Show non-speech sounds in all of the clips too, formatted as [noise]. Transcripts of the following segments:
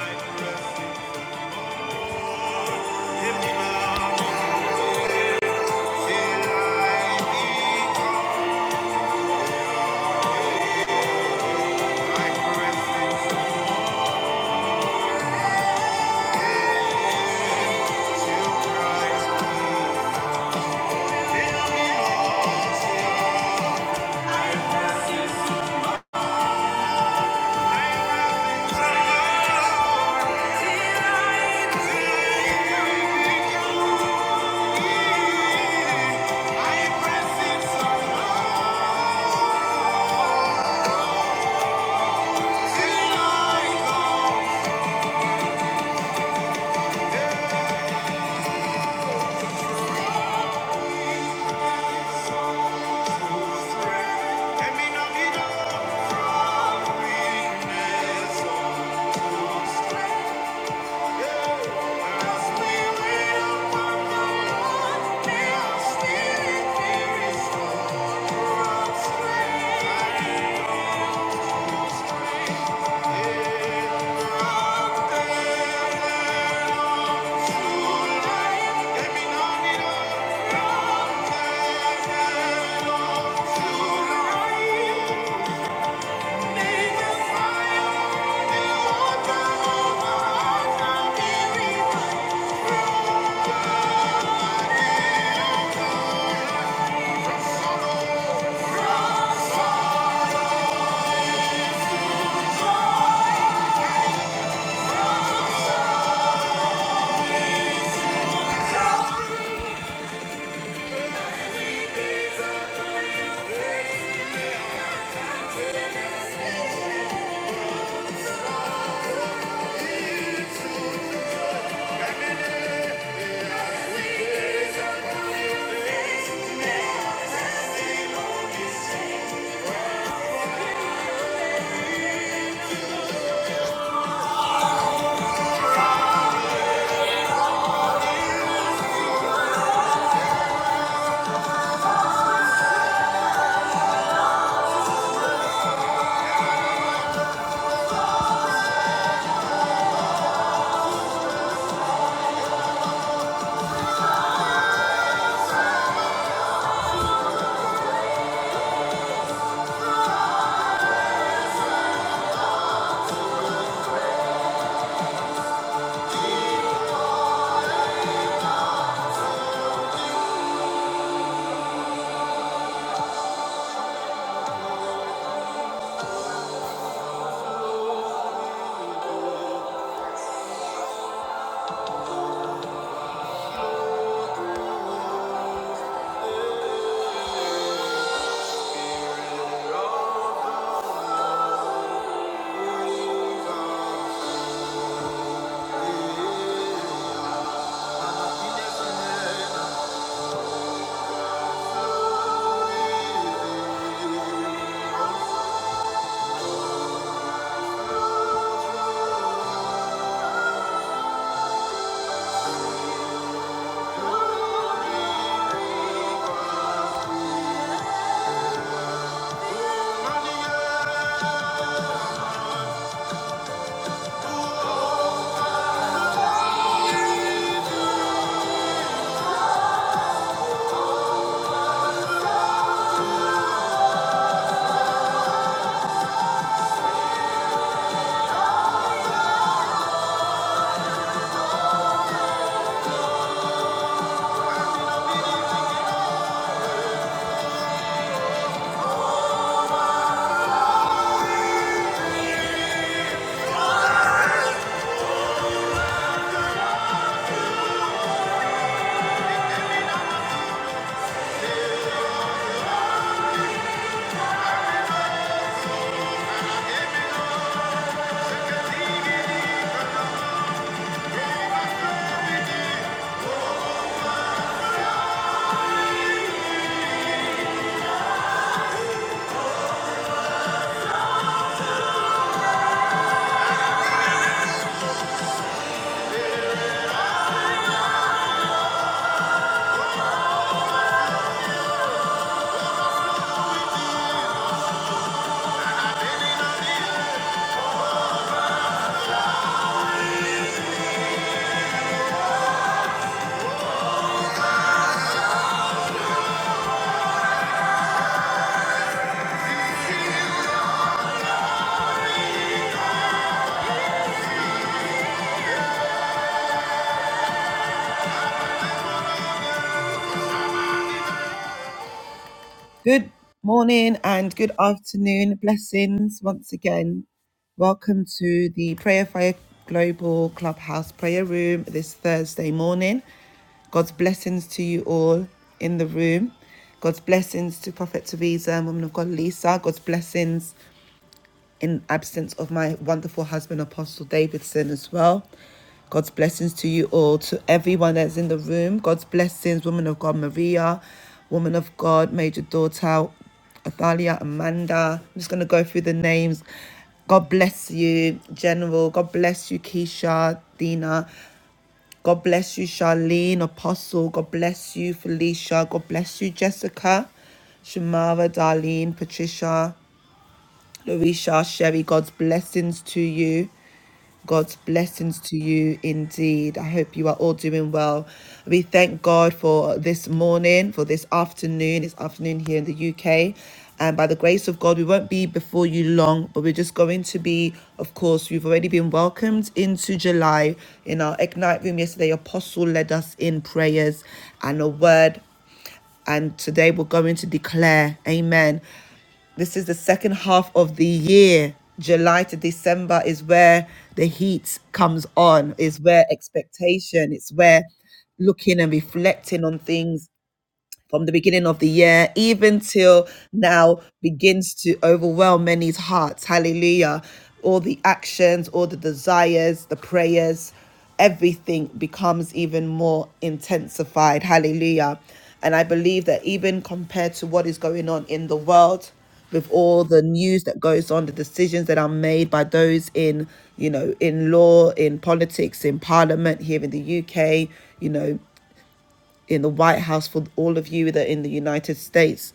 Thank you. Thank you. Thank you. Good morning and good afternoon. Blessings once again. Welcome to the Prayer Fire Global Clubhouse Prayer Room this Thursday morning. God's blessings to you all in the room. God's blessings to Prophet Teresa, Woman of God Lisa. God's blessings in absence of my wonderful husband, Apostle Davidson, as well. God's blessings to you all, to everyone that's in the room. God's blessings, woman of God, Maria, woman of God, Major Daughter, Athalia, Amanda. I'm just going to go through the names. God bless you, General. God bless you, Keisha, Dina. God bless you, Charlene, Apostle. God bless you, Felicia. God bless you, Jessica, Shamara, Darlene, Patricia. Larisha, Sherry, God's blessings to you. God's blessings to you indeed. I hope you are all doing well. We thank God for this morning, for this afternoon. It's afternoon here in the UK. And by the grace of God, we won't be before you long, but we're just going to be, of course, we've already been welcomed into July in our Ignite room yesterday. Apostle led us in prayers and a word and today we're going to declare, Amen. This is the second half of the year. July to December is where the heat comes on, is where expectation, it's where looking and reflecting on things from the beginning of the year even till now begins to overwhelm many's hearts. Hallelujah. All the actions, all the desires, the prayers, everything becomes even more intensified. Hallelujah. And I believe that even compared to what is going on in the world, with all the news that goes on, the decisions that are made by those in, you know, in law, in politics, in parliament here in the UK, you know in the White House, for all of you that are in the United States,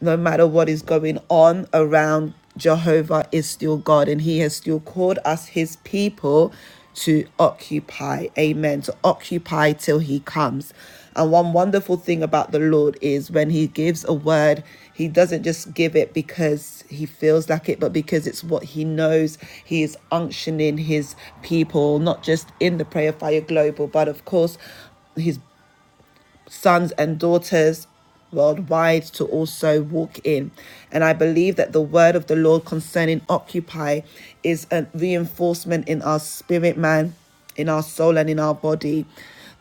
no matter what is going on around, Jehovah is still God and He has still called us His people to occupy. Amen. To occupy till He comes. And one wonderful thing about the Lord is when He gives a word, He doesn't just give it because He feels like it, but because it's what He knows. He is unctioning His people, not just in the Prayer Fire Global, but of course, his sons and daughters worldwide to also walk in. And I believe that the word of the Lord concerning Occupy is a reinforcement in our spirit, man, in our soul, and in our body.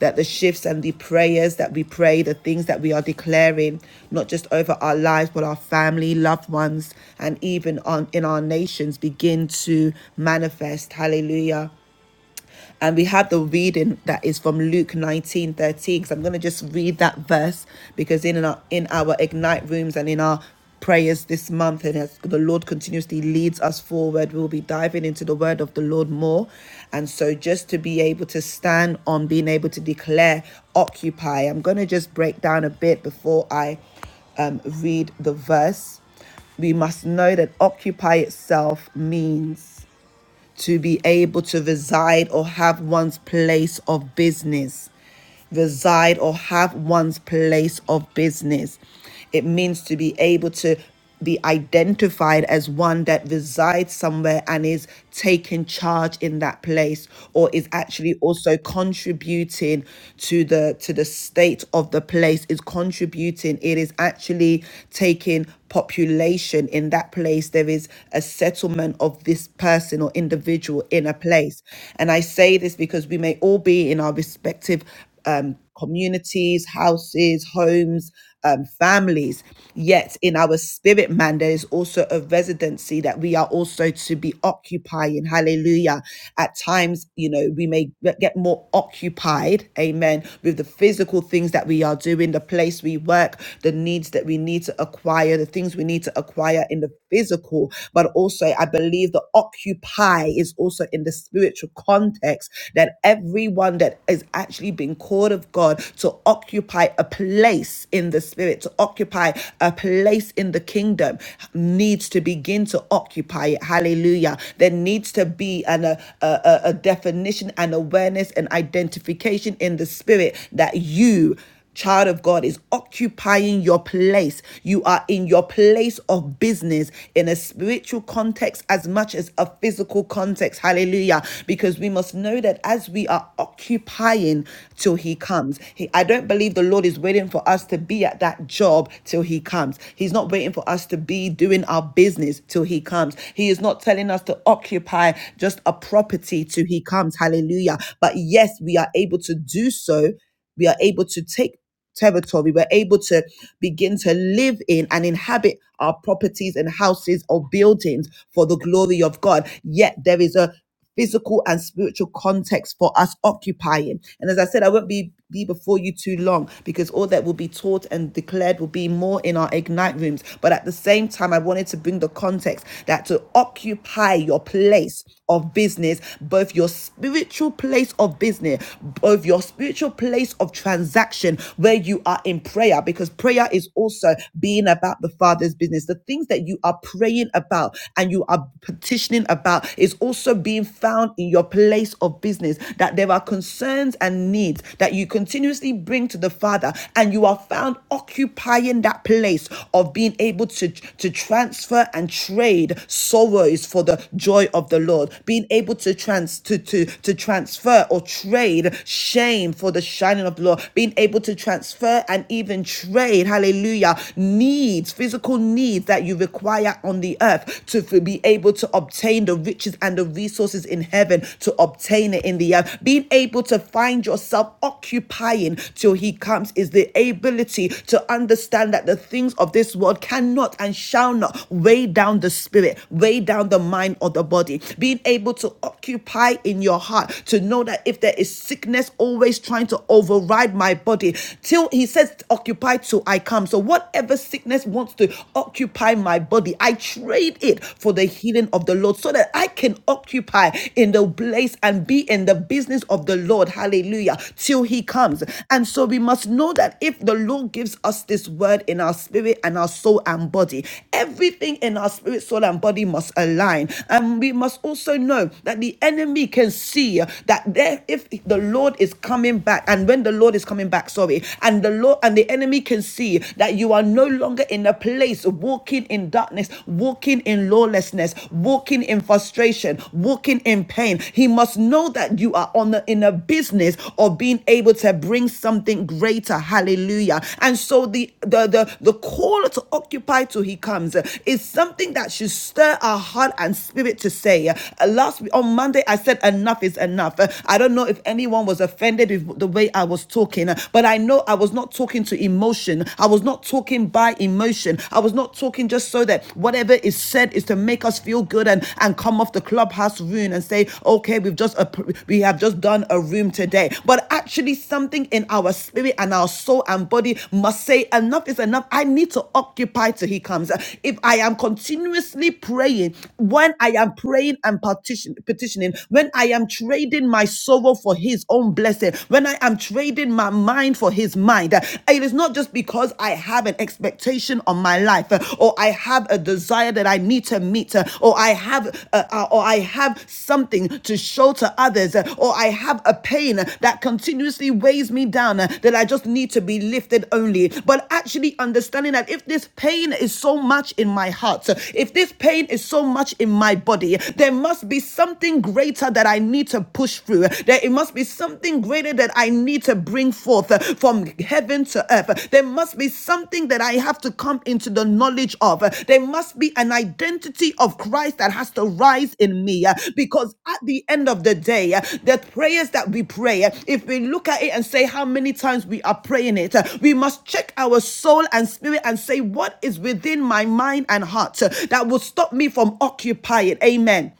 That the shifts and the prayers that we pray, the things that we are declaring, not just over our lives, but our family, loved ones, and even on in our nations begin to manifest. Hallelujah. And we have the reading that is from Luke 19:13. So I'm going to just read that verse because in our, in our Ignite rooms and in our prayers this month and as the lord continuously leads us forward we'll be diving into the word of the lord more and so just to be able to stand on being able to declare occupy i'm going to just break down a bit before i um, read the verse we must know that occupy itself means to be able to reside or have one's place of business. Reside or have one's place of business. It means to be able to be identified as one that resides somewhere and is taking charge in that place or is actually also contributing to the to the state of the place is contributing it is actually taking population in that place there is a settlement of of this person or individual in a place. And I say this because we may all be in our respective um, communities, houses, homes, um, families. Yet in our spirit man, there is also a residency that we are also to be occupying. Hallelujah. At times, you know, we may get get more occupied, amen, with the physical things that we are doing, the place we work, the needs that we need to acquire, the things we need to acquire in the physical but also I believe the occupy is also in the spiritual context that everyone that is actually being called of God to occupy a place in the spirit, to occupy a place in the kingdom, needs to begin to occupy it. Hallelujah. There needs to be an, a, a, a a definition and awareness and identification in the spirit that you. Child of God is occupying your place. You are in your place of business in a spiritual context as much as a physical context. Hallelujah. Because we must know that as we are occupying till he comes, he, I don't believe the Lord is waiting for us to be at that job till he comes. He's not waiting for us to be doing our business till he comes. He is not telling us to occupy just a property till he comes. Hallelujah. But yes, we are able to do so we are able to take territory. We're able to begin to live in and inhabit our properties and houses or buildings for the glory of God. Yet there is a physical and spiritual context for us occupying. And as I said, I won't be be before you too long because all that will be taught and declared will be more in our ignite rooms. But at the same time, I wanted to bring the context that to occupy your place of business, both your spiritual place of business, both your spiritual spiritual place of transaction where you are in prayer because prayer is also being about the Father's business. The things that you are praying about and you are petitioning about is also being found in your place of business. That there are concerns and needs that you continuously bring to the Father and you are found occupying that place of being able to, to transfer and trade sorrows for the joy of the Lord, being able to trans to, to, to transfer or trade shame for the shining of the Lord, being able to transfer and even trade, hallelujah, needs, physical needs that you require on the earth to be able to obtain the riches and the resources in heaven to obtain it in the earth. Being able to find yourself occupying till he comes is the ability to understand that the things of this world cannot and shall not weigh down the spirit, weigh down the mind or the body. Being able to occupy in your heart to know that if there if there is sickness always trying to override my body. Till he says, occupy till I come. So whatever sickness wants to occupy my body, I trade it for the healing of the Lord so that I can occupy in the place and be in the business of the Lord. Hallelujah. Till he comes. And so we must know that if the Lord gives us this word in our spirit and our soul and body, everything in our spirit, soul, and body must align. And we must also know that the enemy can see that that there if the lord is coming back and when the lord is coming back sorry and the lord and the enemy can see that you are no longer in a place of walking in darkness walking in lawlessness walking in frustration walking in pain he must know that you are on the in a business of being able to bring something greater hallelujah and so the the the, the call to occupy till he comes uh, is something that should stir our heart and spirit to say uh, last on monday i said another enough is enough. Uh, I don't know if anyone was offended with the way I was talking, uh, but I know I was not talking to emotion. I was not talking by emotion. I was not talking just so that whatever is said is to make us feel good and, and come off the clubhouse room and say, okay, we've just we have just done a room today. But actually, something in our spirit and our soul and body must say, enough is enough. I need to occupy till he comes. If I am continuously praying, when I am praying and partition, petitioning, blessing, when I am trading my sorrow for his own blessing, when I am trading my mind for his mind, uh, it is not just because I have an expectation on my life uh, or I have a desire that I need to meet uh, or I have uh, uh, or I have something to show to others uh, or I have a pain uh, that continuously weighs me down uh, that I just need to be lifted only, but actually understanding that if this pain is so much in my heart, if this pain is so much in my body, there must be something something greater that I need to push through. There it must be something greater that I need to bring forth uh, from heaven to earth. There must be something that I have to come into the knowledge of. There must be an identity of Christ that has to rise in me uh, because at the end of the day, uh, the prayers that we pray, uh, if we look at it and say how many times we are praying it, uh, we must check our soul and spirit and say what is within my mind and heart uh, that will stop me from occupying. Amen.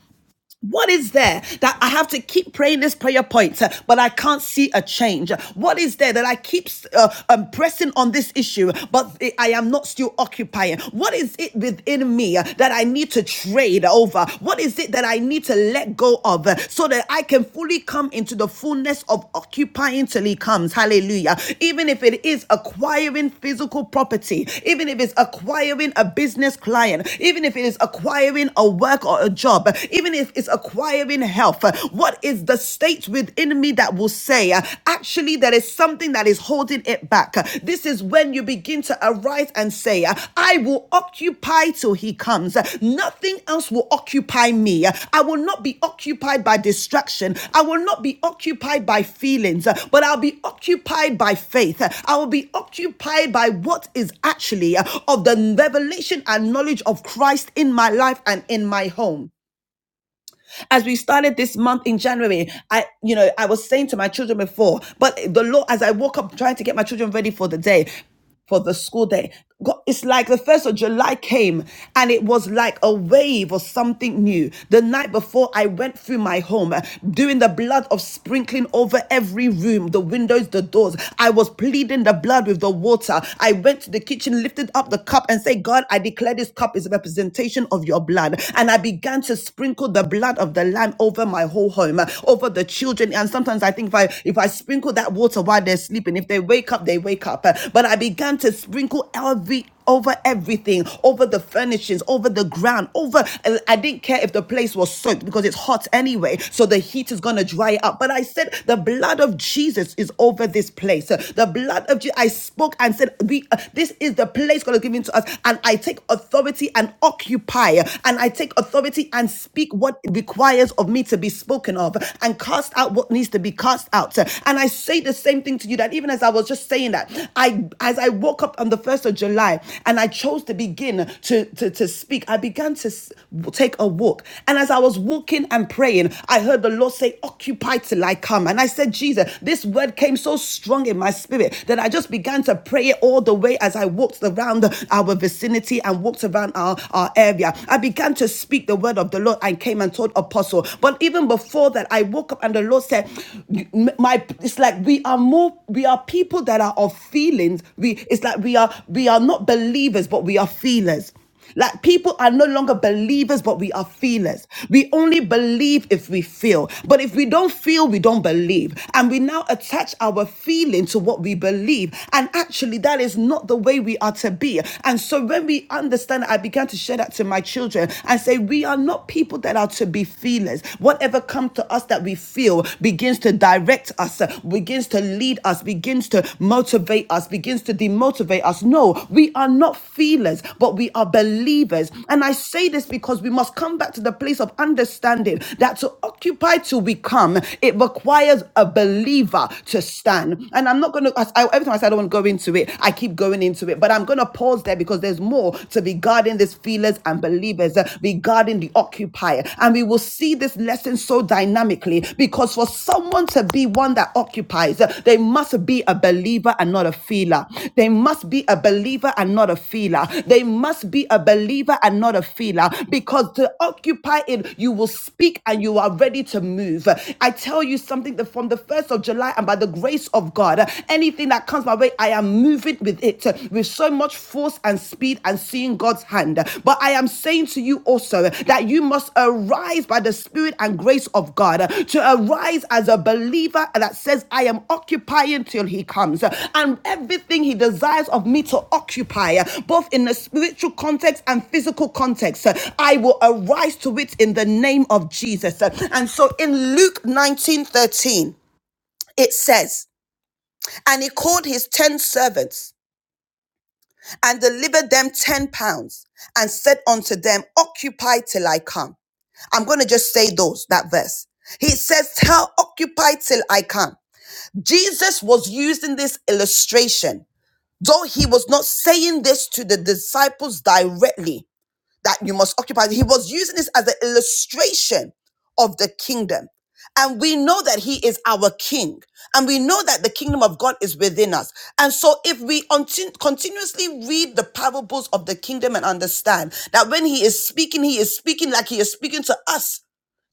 What is there that I have to keep praying this prayer point, uh, but I can't see a change? What is there that I keep uh, um, pressing on this issue, but I am not still occupying? What is it within me uh, that I need to trade over? What is it that I need to let go of uh, so that I can fully come into the fullness of occupying till He comes? Hallelujah. Even if it is acquiring physical property, even if it's acquiring a business client, even if it is acquiring a work or a job, even if it's acquiring health, uh, what is the state within me that will say, uh, actually, there is something that is holding it back? Uh, This is when you begin to arise and say, uh, I will occupy till he comes. Uh, Nothing else will occupy me. Uh, I will not be occupied by distraction. I will not be occupied by feelings, uh, but I'll be occupied by faith. Uh, I will be occupied by what is actually uh, of the revelation and knowledge of Christ in my life and in my home. As we started this month in January, I, you know, I was saying to my children before, but the Lord, as I woke up trying to get my children ready for the day, for the school day. God, it's like the first of July came and it was like a wave or something new. The night before, I went through my home, uh, doing the blood of sprinkling over every room, the windows, the doors. I was pleading the blood with the water. I went to the kitchen, lifted up the cup, and said, God, I declare this cup is a representation of your blood. And I began began to sprinkle the blood of the lamb over my whole home, uh, over the children. And sometimes I think if I if I sprinkle that water while they're sleeping, if they wake up, they wake up. Uh, But I began to sprinkle every over everything, over the furnishings, over the ground, over. I didn't care if the place was soaked because it's hot anyway, so the heat is gonna dry up. But I said the blood of Jesus is over this place. The blood of Jesus. I spoke and said, "We, uh, this is the place God has given to us," and I take authority and occupy and I take authority and speak what requires of me to be spoken of and cast out what needs to be cast out. And I say the same thing to you that even as I was just saying that, I as I woke up on the 1st of July and I chose to begin to, to, to speak, I began to s- take a walk. And as I was walking and praying, I heard the Lord say, Occupy till I come. And I said, Jesus, this word came so strong in my spirit that I just began to pray it all the way as I walked around our vicinity vicinity and walked around our, our area. I began to speak the word of the Lord and came and told apostle. But even before that, I woke up and the Lord said, My it's like we are more we are people that are of feelings. We it's like we are we are not believers, but we are feelers. Like people are no longer believers, but we are feelers. We only believe if we feel. But if we don't feel, we don't believe. And we now attach our feeling to what we believe. And actually, that is not the way we are to be. And so when we understand, I began to share that to my children and say, we are not people that are to be feelers. Whatever comes to us that we feel begins to direct us, begins to lead us, us, begins to motivate us, begins to demotivate us. No, we are not feelers, but we are believers. And I say this because we must come back to the place of understanding that to occupy till we come, it requires a believer to stand. And I'm not going to, every time I say I don't want to go into it, I keep going into it, but I'm going to pause there because there's more to regarding these feelers and believers, uh, regarding the occupier. And we we will see this lesson so dynamically because for someone to be one that occupies, they must be a believer and not a feeler. They must be a believer and not a feeler. They must be a believer and not a feeler because to occupy it, you will speak and you are ready to move. I tell you something that from the 1st of July and by the grace of God, anything that comes my way, I am moving with it with so much force and speed and seeing God's hand. But I am saying to you also that you must arise by the Spirit and grace of God to arise as a believer that says, I am occupying till He comes. And everything He desires of me to occupy, both in the spiritual context and physical context, I will arise to it in the name of Jesus. And so in Luke nineteen thirteen, it says, And He called His ten servants and delivered them 10 pounds and said unto them, Occupy till I come. I'm going to just say those, that verse. He says, Tell, occupy till I come. Jesus was using this illustration, though he was not saying this to the disciples directly that you must occupy. He was using this as an illustration of the kingdom. And we know that he is our king. And we know that the kingdom of God is within us. And so if we unti- continuously read the parables of the kingdom and understand that when he is speaking, he is speaking like he is speaking to us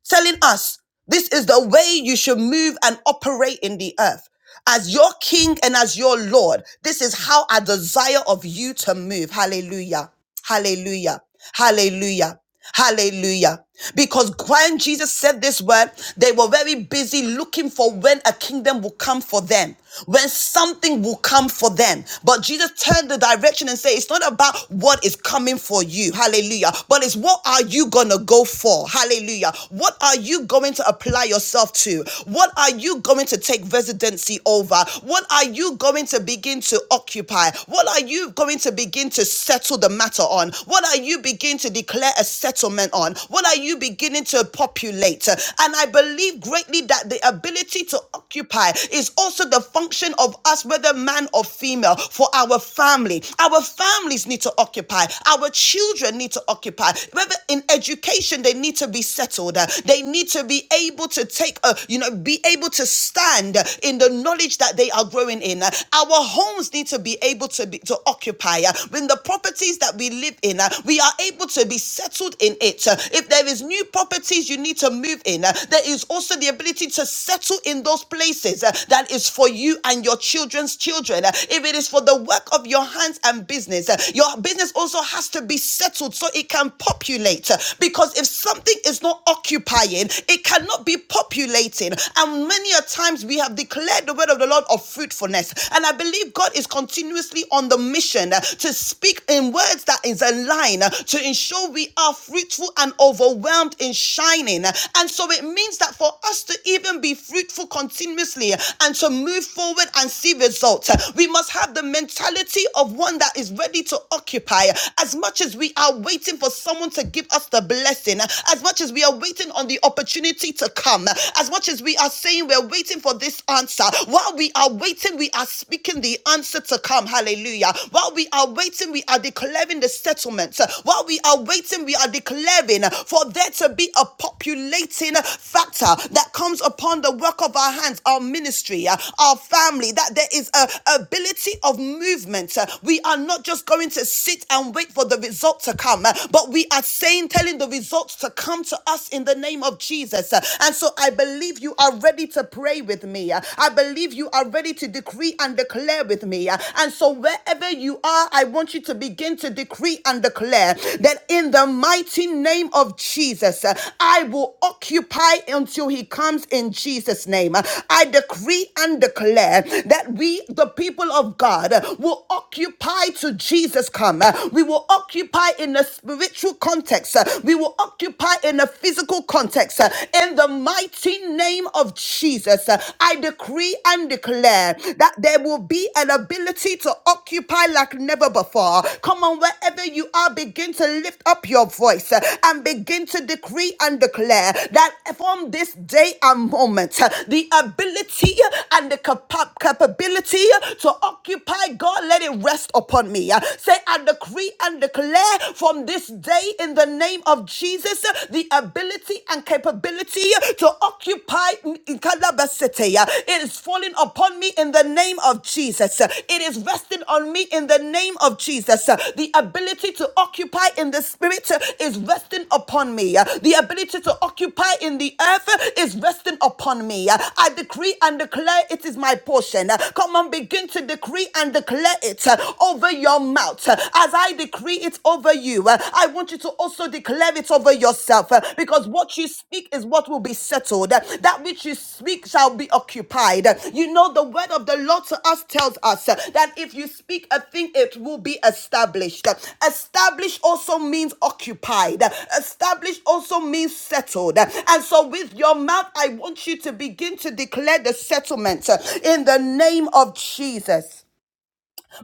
telling us this is the way you should move and operate in the earth. As your king and as your Lord, this is how I desire of you to move. Hallelujah. Hallelujah. Hallelujah. Hallelujah. Because when Jesus said this word, they were very busy looking for when a kingdom will come for them, when something will come for them. But Jesus turned the direction and said, It's not about what is coming for you. Hallelujah. But it's what are you going to go for? Hallelujah. What are you going to apply yourself to? What are you going to take residency over? What are you going to begin to occupy? What are you going to begin to settle the matter on? What are you begin to declare a settlement on? What are you beginning to populate? And I believe greatly that the ability to occupy is also the function of us, whether man or female, for our family. Our families need to occupy. Our children need to occupy. Whether in education education, they need to be settled. Uh, They need to be able to take, uh, you know, be able to stand uh, in the knowledge that they are growing in. Uh, Our homes need to be able to be to occupy. uh, When the properties that we live in, uh, we are able to be settled in it. Uh, If there is new properties you need to move in, uh, there is also the ability to settle in those places uh, that is for you and your children's children. Uh, If it is for the work of your hands and business, uh, your business also has to be settled so it can populate populate. Because if something is not occupying, it cannot be populating. And many a times we have declared the word of the Lord of fruitfulness. And I believe God is continuously on the mission to speak in words that is aligned to ensure we are fruitful and overwhelmed in shining. And so it means that for us to even be fruitful continuously and to move forward and see results, we must have the mentality of one that is ready to occupy as much as we are are waiting for someone to give us the blessing, as much as we are waiting on the opportunity to come, as much as we are saying we're waiting for this answer, while we are waiting, we are speaking the answer to come. Hallelujah. While we are waiting, we are declaring the settlement. While we are waiting, we are declaring for there to be a populating factor that comes upon the work of our hands, our ministry, uh, our family, that there is a ability of movement. Uh, We are not just going to sit and wait for for the results to come. Uh, But we are saying, telling the results to come to us in the name of Jesus. Uh, And so I believe you are ready to pray with me. Uh, I believe you are ready to decree and declare with me. Uh, And so wherever you are, I want you to begin to decree and declare that in the mighty name of Jesus, uh, I will occupy until he comes in Jesus' name. Uh, I decree and declare that we, the people of God, uh, will occupy to Jesus come come. Uh, We will occupy in a spiritual context. Uh, We will occupy in a physical context. Uh, In the mighty name of Jesus, uh, I decree and declare that there will be an ability to occupy like never before. Come on, wherever you are, begin to lift up your voice uh, and begin to decree and declare that from this day and moment, uh, the ability and the capa- capability to occupy, God, let it rest upon upon me. Uh, Say, I decree and declare from this day in the name of Jesus uh, the ability and capability to occupy in Calabas City. Uh, It is falling upon me in the name of Jesus. Uh, It is resting on me in the name of Jesus. Uh, The ability to occupy in the spirit uh, is resting upon me. Uh, The ability to occupy in the earth uh, is resting upon me. Uh, I decree and declare it is my portion. Uh, Come on, begin to decree and declare it uh, over your mouth. Uh, As I decree it over you, uh, I want you to also declare it over yourself uh, because what you speak is what will be settled. Uh, That which you speak shall be occupied. Uh, You know, the word of the Lord to us tells us uh, that if you speak a thing, it will be established. Uh, Established also means occupied, Uh, established also means settled. Uh, And so, with your mouth, I want you to begin to declare the settlement uh, in the name of Jesus.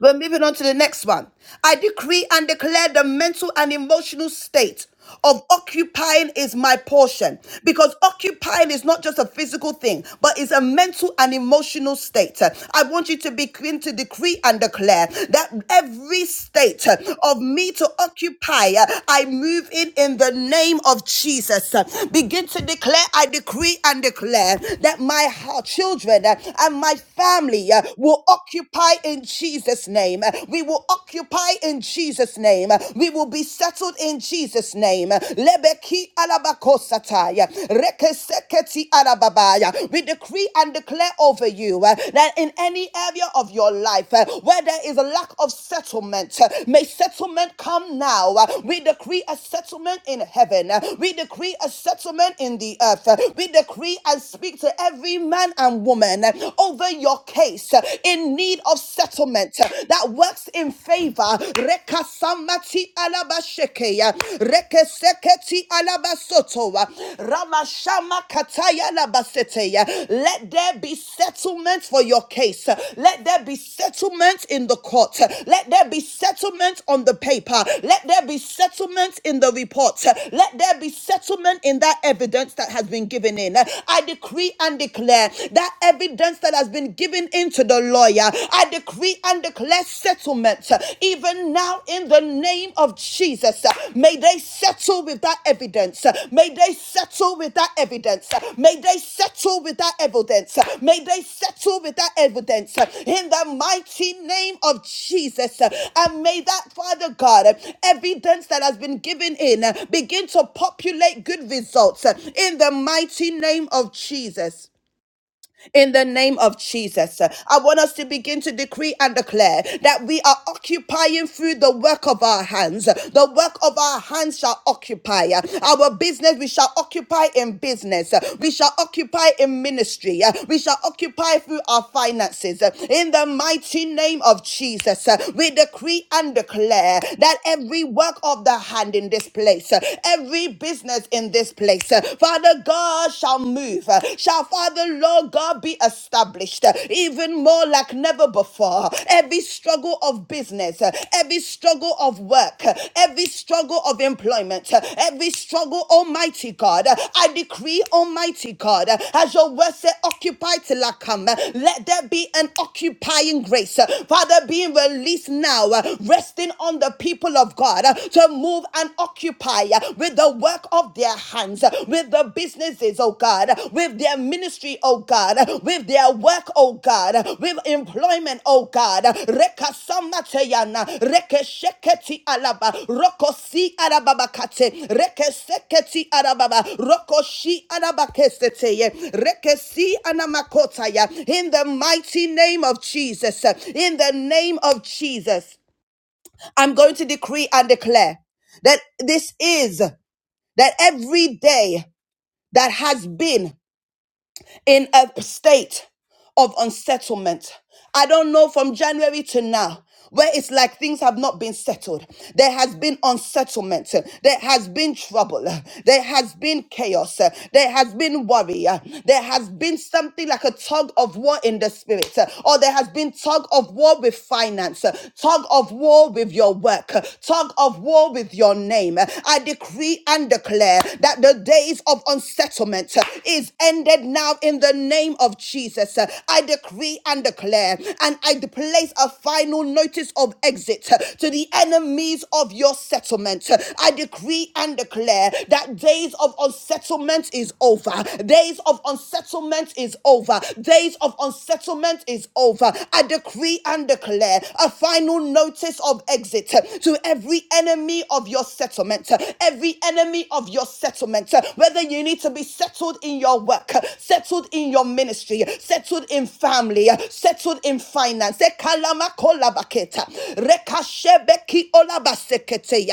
We're moving on to the next one. I decree and declare the mental and emotional state of occupying is my portion because occupying is not just a physical thing but it's a mental and emotional state i want you to begin to decree and declare that every state of me to occupy i move in in the name of jesus begin to declare i decree and declare that my children and my family uh, will occupy occupy in Jesus' name. We will occupy in Jesus' name. We will be settled in Jesus' name. Lebeki alabakosataya, rekeseketi alababaya. We decree and declare over you uh, that in any area of your life uh, where there is a lack of settlement, uh, may settlement come now. Uh, We decree a settlement in heaven. Uh, We decree a settlement in the earth. Uh, We decree and speak to every man and woman uh, over your case uh, in need of settlement uh, that works in favor. Rekasamati alabashekeya, rekeseketi alabasotoa, ramashama kataya alabaseteya. Let there be settlement for your case. Let there be settlement in the court. Let there be settlement on the paper. Let there be settlement in the report. Let there be settlement in that evidence that has been given in. I decree and declare that evidence evidence that has been given into the lawyer. I decree and declare settlement uh, even now in the name of Jesus. Uh, May they settle with that evidence. Uh, May they settle with that evidence. Uh, May they settle with that evidence. Uh, May they settle with that evidence uh, in the mighty name of Jesus. Uh, And may that, Father God, uh, evidence that has been given in uh, begin to populate good results uh, in the mighty name of Jesus in the name of Jesus. I want us to begin to decree and declare that we are occupying through the work of our hands. The work of our hands shall occupy our business. We shall occupy in business. We shall occupy in ministry. We shall occupy through our finances. In the mighty name of Jesus, we decree and declare that every work of the hand in this place, every business in this place, Father. Father God, shall move, uh, shall Father Lord God be established uh, even more like never before. Every struggle of business, uh, every struggle of work, uh, every struggle of employment, uh, every struggle, Almighty God, uh, I decree, Almighty God, uh, as your word said, occupy till I come. uh, Let there be an occupying grace, uh, Father, being released now, uh, resting on the people of God uh, to move and occupy uh, with the work of their hands, uh, with the businesses, oh God, uh, with their ministry, oh God, uh, with their work, oh God, uh, with employment, oh God. Rekasamateyana, rekesheketi alaba, rokosi arababakate, rekeseketi arababa, rokoshi arabakeseteye, rekesi anamakotaya. In the mighty name of Jesus, uh, in the name of Jesus. I'm going to decree and declare that this is that every day that has been in a state of unsettlement. I don't know from January to now where it's like things have not been settled. There has been unsettlement. There has been trouble. There has been chaos. There has been worry. There has been something like a tug of war in the spirit. Or there has been tug of war with finance, tug of war with your work, tug of war with your name. I decree and declare that the days of unsettlement entitlement uh, is ended now in the name of Jesus. Uh, I decree and declare, and I place a final notice of exit uh, to the enemies of your settlement. Uh, I decree and declare that days of unsettlement is over. Days of unsettlement is over. Days of unsettlement is over. I decree and declare a final notice of exit uh, to every enemy of your settlement, uh, every enemy of your your settlement, uh, whether you need to be settled in your work, uh, settled in your ministry, uh, settled in family, uh, settled in finance. Eh,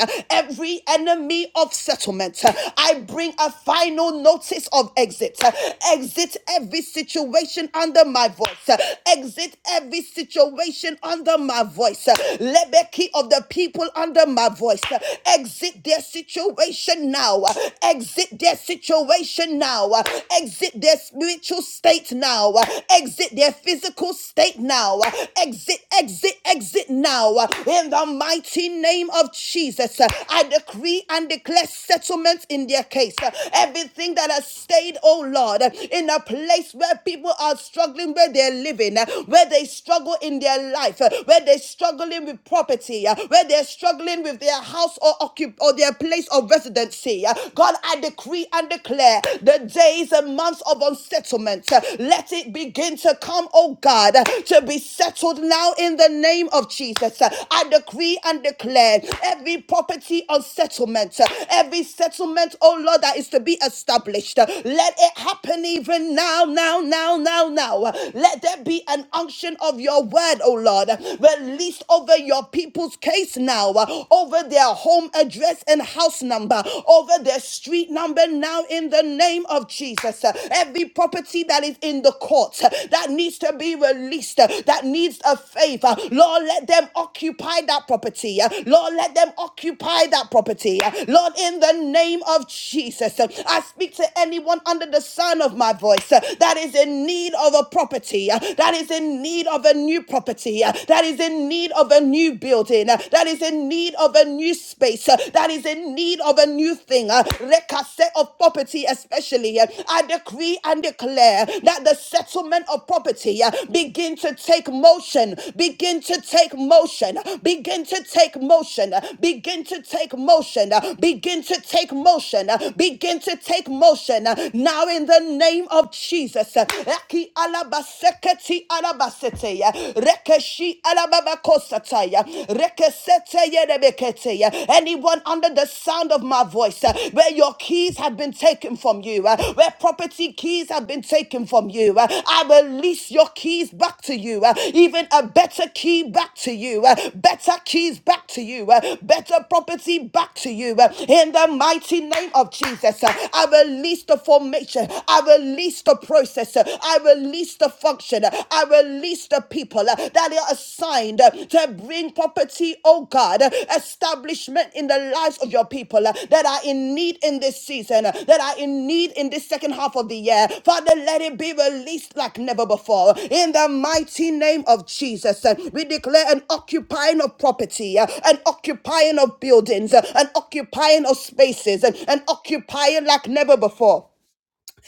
uh, Every enemy of settlement, uh, I bring a final notice of exit. uh, Exit every situation under my voice. uh, Exit every situation under my voice. uh, Lebeki of the people under my voice. uh, Exit their situation now. Exit their situation now. Exit their spiritual state now. Exit their physical state now. Exit, exit, exit now. In the mighty name of Jesus, I decree and declare settlement in their case. Everything that has stayed, oh Lord, in a place where people are struggling where they're living, where they struggle in their life, where they're struggling with property, where they're struggling struggling with their house or occup- or their place of residency. Uh, God, I decree and declare the days and months of unsettlement. uh, Let it begin to come, oh God, uh, to be settled now in the name of Jesus. Uh, I decree and declare every property on settlement, uh, every settlement, oh Lord, that is to be established. uh, Let it happen even now, now, now, now, now. Uh, Let there be an unction of your word, oh Lord. Release, over your people's case now, uh, over their home address and house number, over their street number now in the name of Jesus. Uh, Every property that is in the courts uh, that needs to be released, uh, that needs a favor, Lord, let them occupy that property. Uh, Lord, let them occupy that property. Uh, Lord, in the name of Jesus, uh, I speak to anyone under the sound of my voice uh, that is in need of a property, uh, that is in need of a new new property, uh, that is in need of a new building, uh, that is in need of a new space, uh, that is in need of a new thing, uh, rekase of property, especially. uh, I decree and declare that the settlement of property uh, begin to take motion, begin to take motion, begin to take motion, uh, begin to take motion, uh, begin to take motion, uh, begin to take motion. uh, Now, in the name of Jesus, Eki alabas seketi arabasete ya rekeshi arababakosata ya rekesete yerebekete ya anyone under the sound of my voice uh, where your keys have been taken from you uh, where property keys have been taken from you uh, I release your keys back to you uh, even a better key back to you uh, better keys back to you uh, better property back to you uh, in the mighty name of Jesus uh, I release the formation I release the process. I release the function. I release the people that are assigned to bring property, oh God, establishment in the lives of your people that are in need in this season, that are in need in this second half of the year. Father, let it be released like never before. In the mighty name of Jesus, we declare an occupying of property, an occupying of buildings, an occupying of spaces, an occupying like never before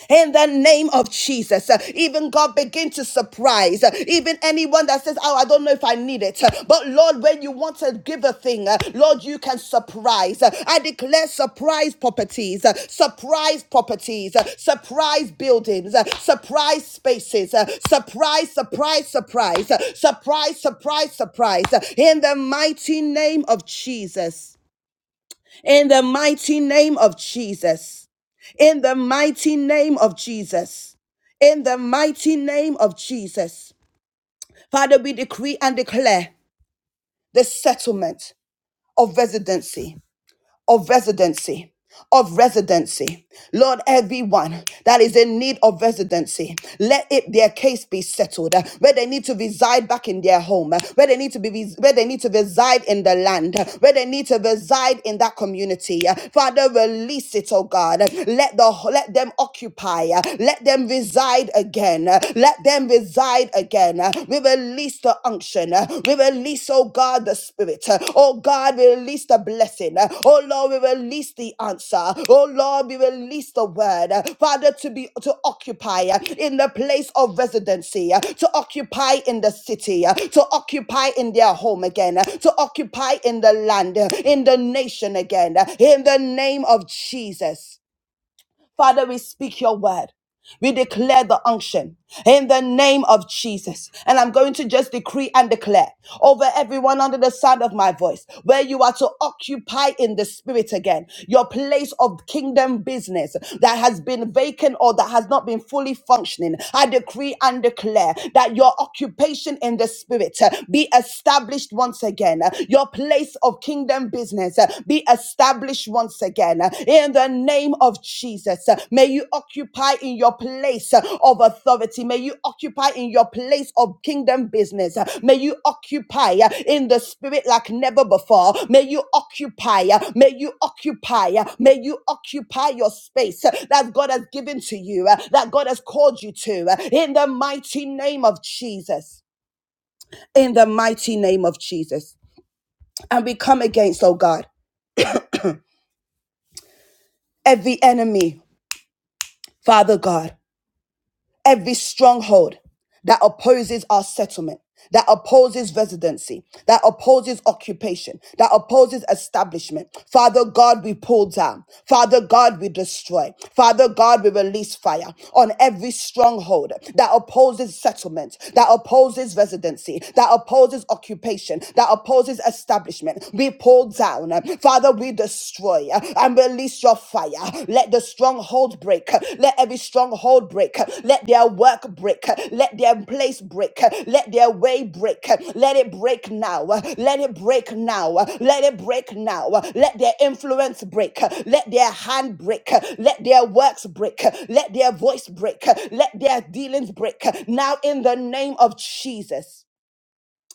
in the name of Jesus. Uh, Even God begin to surprise. Uh, Even anyone that says, Oh, I don't know if I need it. Uh, But Lord, when you want to give a thing, uh, Lord, you can surprise. Uh, I declare surprise properties, uh, surprise properties, uh, surprise buildings, uh, surprise spaces, uh, surprise, surprise, surprise, uh, surprise, surprise, surprise. uh, In the mighty name of Jesus. In the mighty name of Jesus in the mighty name of Jesus. In the mighty name of Jesus. Father, we decree and declare the settlement of residency of residency of residency. Lord, everyone that is in need of residency, let it their case be settled. uh, Where they need to reside back in their home, uh, where they need to be where they need to reside in the land, uh, where they need to reside in that community. uh, Father, release it, oh God. uh, Let the let them occupy, uh, let them reside again, uh, let them reside again. We release the unction. We release, oh God, the spirit. Oh God, we release the blessing. Oh Lord, we release the answer. Oh Lord, we release the word. Father, to be to occupy in the place of residency, to occupy in the city, to occupy in their home again, to occupy in the land, in the nation again. In the name of Jesus. Father, we speak your word. We declare the unction in the name of Jesus. And I'm going to just decree and declare over everyone under the sound of my voice where you are to occupy in the spirit again your place of kingdom business that has been vacant or that has not been fully functioning. I decree and declare that your occupation in the spirit uh, be established once again. Uh, Your place of kingdom business uh, be established once again uh, in the name of Jesus. Uh, May you occupy in your place uh, of authority. May you occupy in your place of kingdom business. Uh, May you occupy uh, in the spirit like never before. May you occupy. uh, May you occupy. uh, May you occupy your space uh, that God has given to you, uh, that God has called you to uh, in the mighty name of Jesus. In the mighty name of Jesus. And we come against, oh God. every enemy, Father God, every stronghold that opposes our settlement, that opposes residency, that opposes occupation, that opposes establishment. Father God, we pull down. Father God, we destroy. Father God, we release fire on every stronghold that opposes settlement, that opposes residency, that opposes occupation, that opposes establishment. We pull down. Father, we destroy destroy uh, and release your fire. Let the stronghold break. Let every stronghold break. Let their work break. Let their place break. Let their way break. Let it break now. Let it break now. Let it break now. Let their influence break. Let their hand break. Let their works break. Let their voice break. Let their dealings break. Now, in the name of Jesus.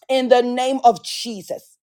In the name of Jesus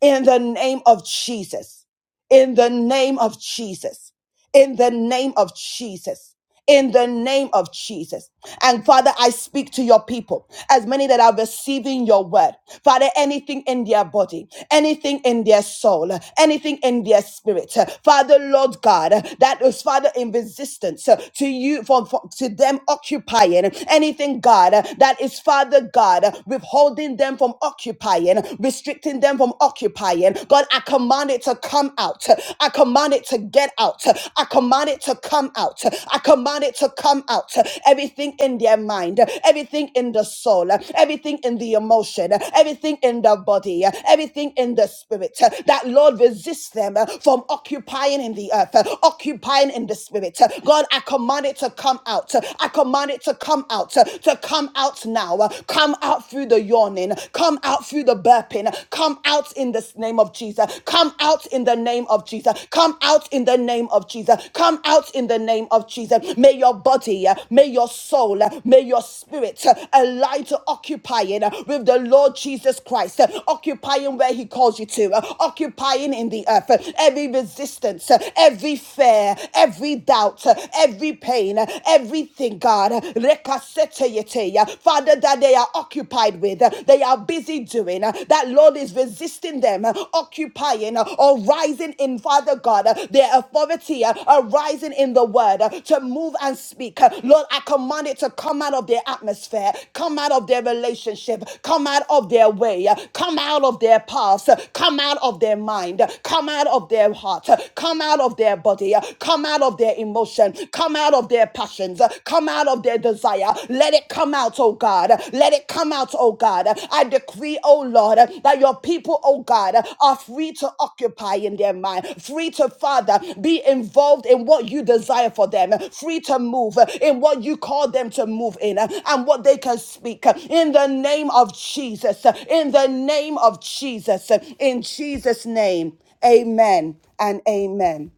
in the name of Jesus. In the name of Jesus. In the name of Jesus. In the name of Jesus. And Father, I speak to your people, as many that are receiving your word. Father, anything in their body, anything in their soul, anything in their spirit. Father, Lord God, that is Father in resistance to you, for, for- to them occupying anything, God, that is Father God, withholding them from occupying, restricting them from I'm occupying, God, I command it to come out. I command it to get out. I command it to come out. I command it to come out. Everything in their mind, everything in the soul, everything in the emotion, everything in the body, everything in the spirit. That Lord resists them from occupying in the earth, occupying in the spirit. God, I command it to come out. I command it to come out, to come out now, come out through the the yawning. Come out through the burping. Come out in the name of Jesus. Come out in the name of Jesus. Come out in the name of Jesus. Come out in the name of Jesus. May your body, uh, may your soul, uh, may your spirit uh, align to occupying uh, with the Lord Jesus Christ, uh, occupying where He calls you to, uh, occupying in the earth. uh, Every resistance, uh, every fear, every doubt, uh, every pain, uh, everything, God. Rekase Father, that they are occupied with, they are busy doing, that Lord is resisting them, occupying or rising in, Father God, their authority, arising in the word to move and speak. Lord, I command it to come out of their atmosphere, come out of their relationship, come out of their way, come out of their paths, come out of their mind, come out of their heart, come out of their body, come out of their emotion, come come out of their passions, uh, come out of their desire. Let it come out, oh God. Let it come out, oh God. I decree, oh Lord, that your people, oh God, are free to occupy in their mind, free to, Father, be involved in what you desire for them, free to move in what you call them to move in and what they can speak. In the name of Jesus, in the name of Jesus, in Jesus' name, amen and amen.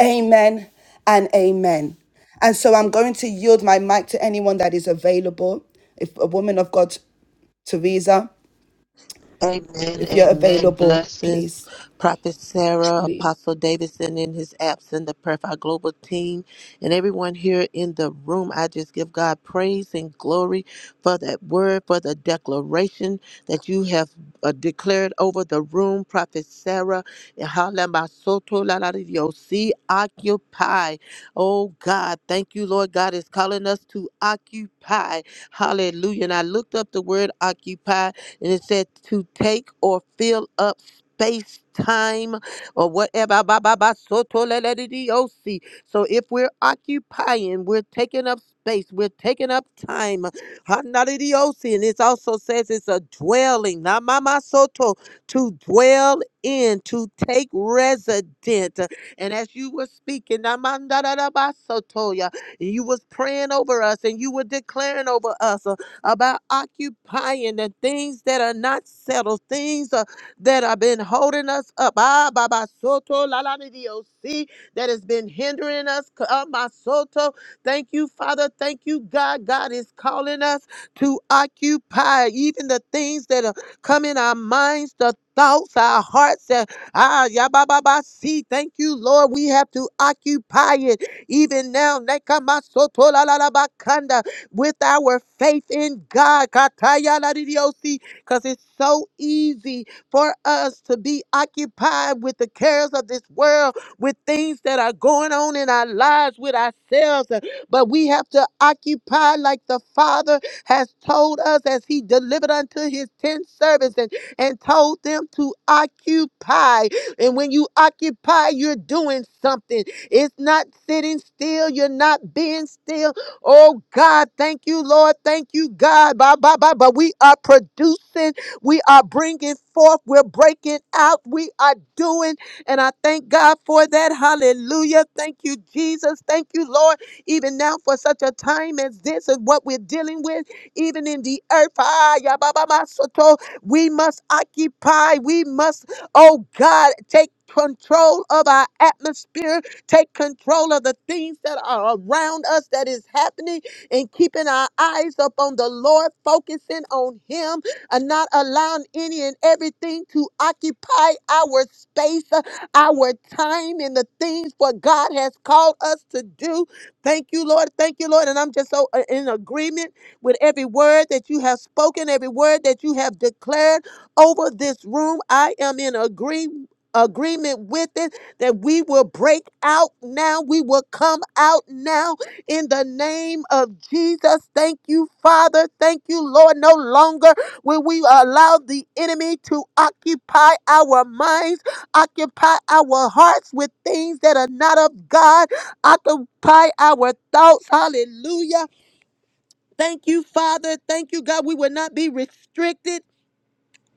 Amen and amen. And so I'm going to yield my mic to anyone that is available. If a woman of God, Teresa, Amen, if you're amen. available, Blessings, please. Prophet Sarah, Apostle Davidson in his absence, the Prayer Fire Global team, and everyone here in the room. I just give God praise and glory for that word, for the declaration that you have uh, declared over the room, Prophet Sarah. And halamasoto lalariyosi, Occupy. Oh God, thank you, Lord. God is calling us to occupy. Hallelujah. And I looked up the word occupy and it said to take or fill up space, time, or whatever. Ba, ba, ba, so, to, le, le, di, di, o, si. So if we're occupying, we're taking up space, we're taking up time. Ha, na, di, di, o, si. And it also says it's a dwelling. Na, ma, ma, so, to to dwell in, to take resident. And as you were speaking, na, ma, da, da, da, ba, so, to, ya, and you was praying over us and you were declaring over us about occupying the things that are not settled, things uh, that have been holding us up. Ah, Baba Soto, La La di Dio, see, that has been hindering us. Ah, Ma Soto, thank you, Father. Thank you, God. God is calling us to occupy even the things that are come in our minds, the thoughts, our hearts. Uh, ah, ya ba ba ba. See, thank you, Lord. We have to occupy it even now. Nekamasoto la la la bakanda with our faith in God. Because it's so easy for us to be occupied with the cares of this world, with things that are going on in our lives with ourselves. But we have to occupy like the Father has told us as he delivered unto his ten servants and, and told them to occupy. And when you occupy, you're doing something. It's not sitting still. You're not being still Oh God, thank you, Lord. Thank you, God. Bye, bye, bye, bye. We are producing. We are bringing forth. We're breaking out. We are doing. And I thank God for that. Hallelujah. Thank you, Jesus. Thank you, Lord. Even now for such a time as this and what we're dealing with, even in the earth. Ah, ya, ba, ba, ba, so, We must occupy. We must, oh God, take control of our atmosphere Take control of the things that are around us that is happening and keeping our eyes up on the Lord, focusing on Him and not allowing any and everything to occupy our space, uh, our time, and the things what God has called us to do. Thank you, Lord. Thank you, Lord. And I'm just so uh, in agreement with every word that you have spoken, every word that you have declared over this room. I am in agree, agreement with it that we will break out now. We will come out now in the name of Jesus. Thank you, Father. Thank you, Lord. No longer will we allow the enemy to occupy our minds, occupy our hearts with things that are not of God, occupy our thoughts. Hallelujah. Thank you, Father. Thank you, God. We will not be restricted.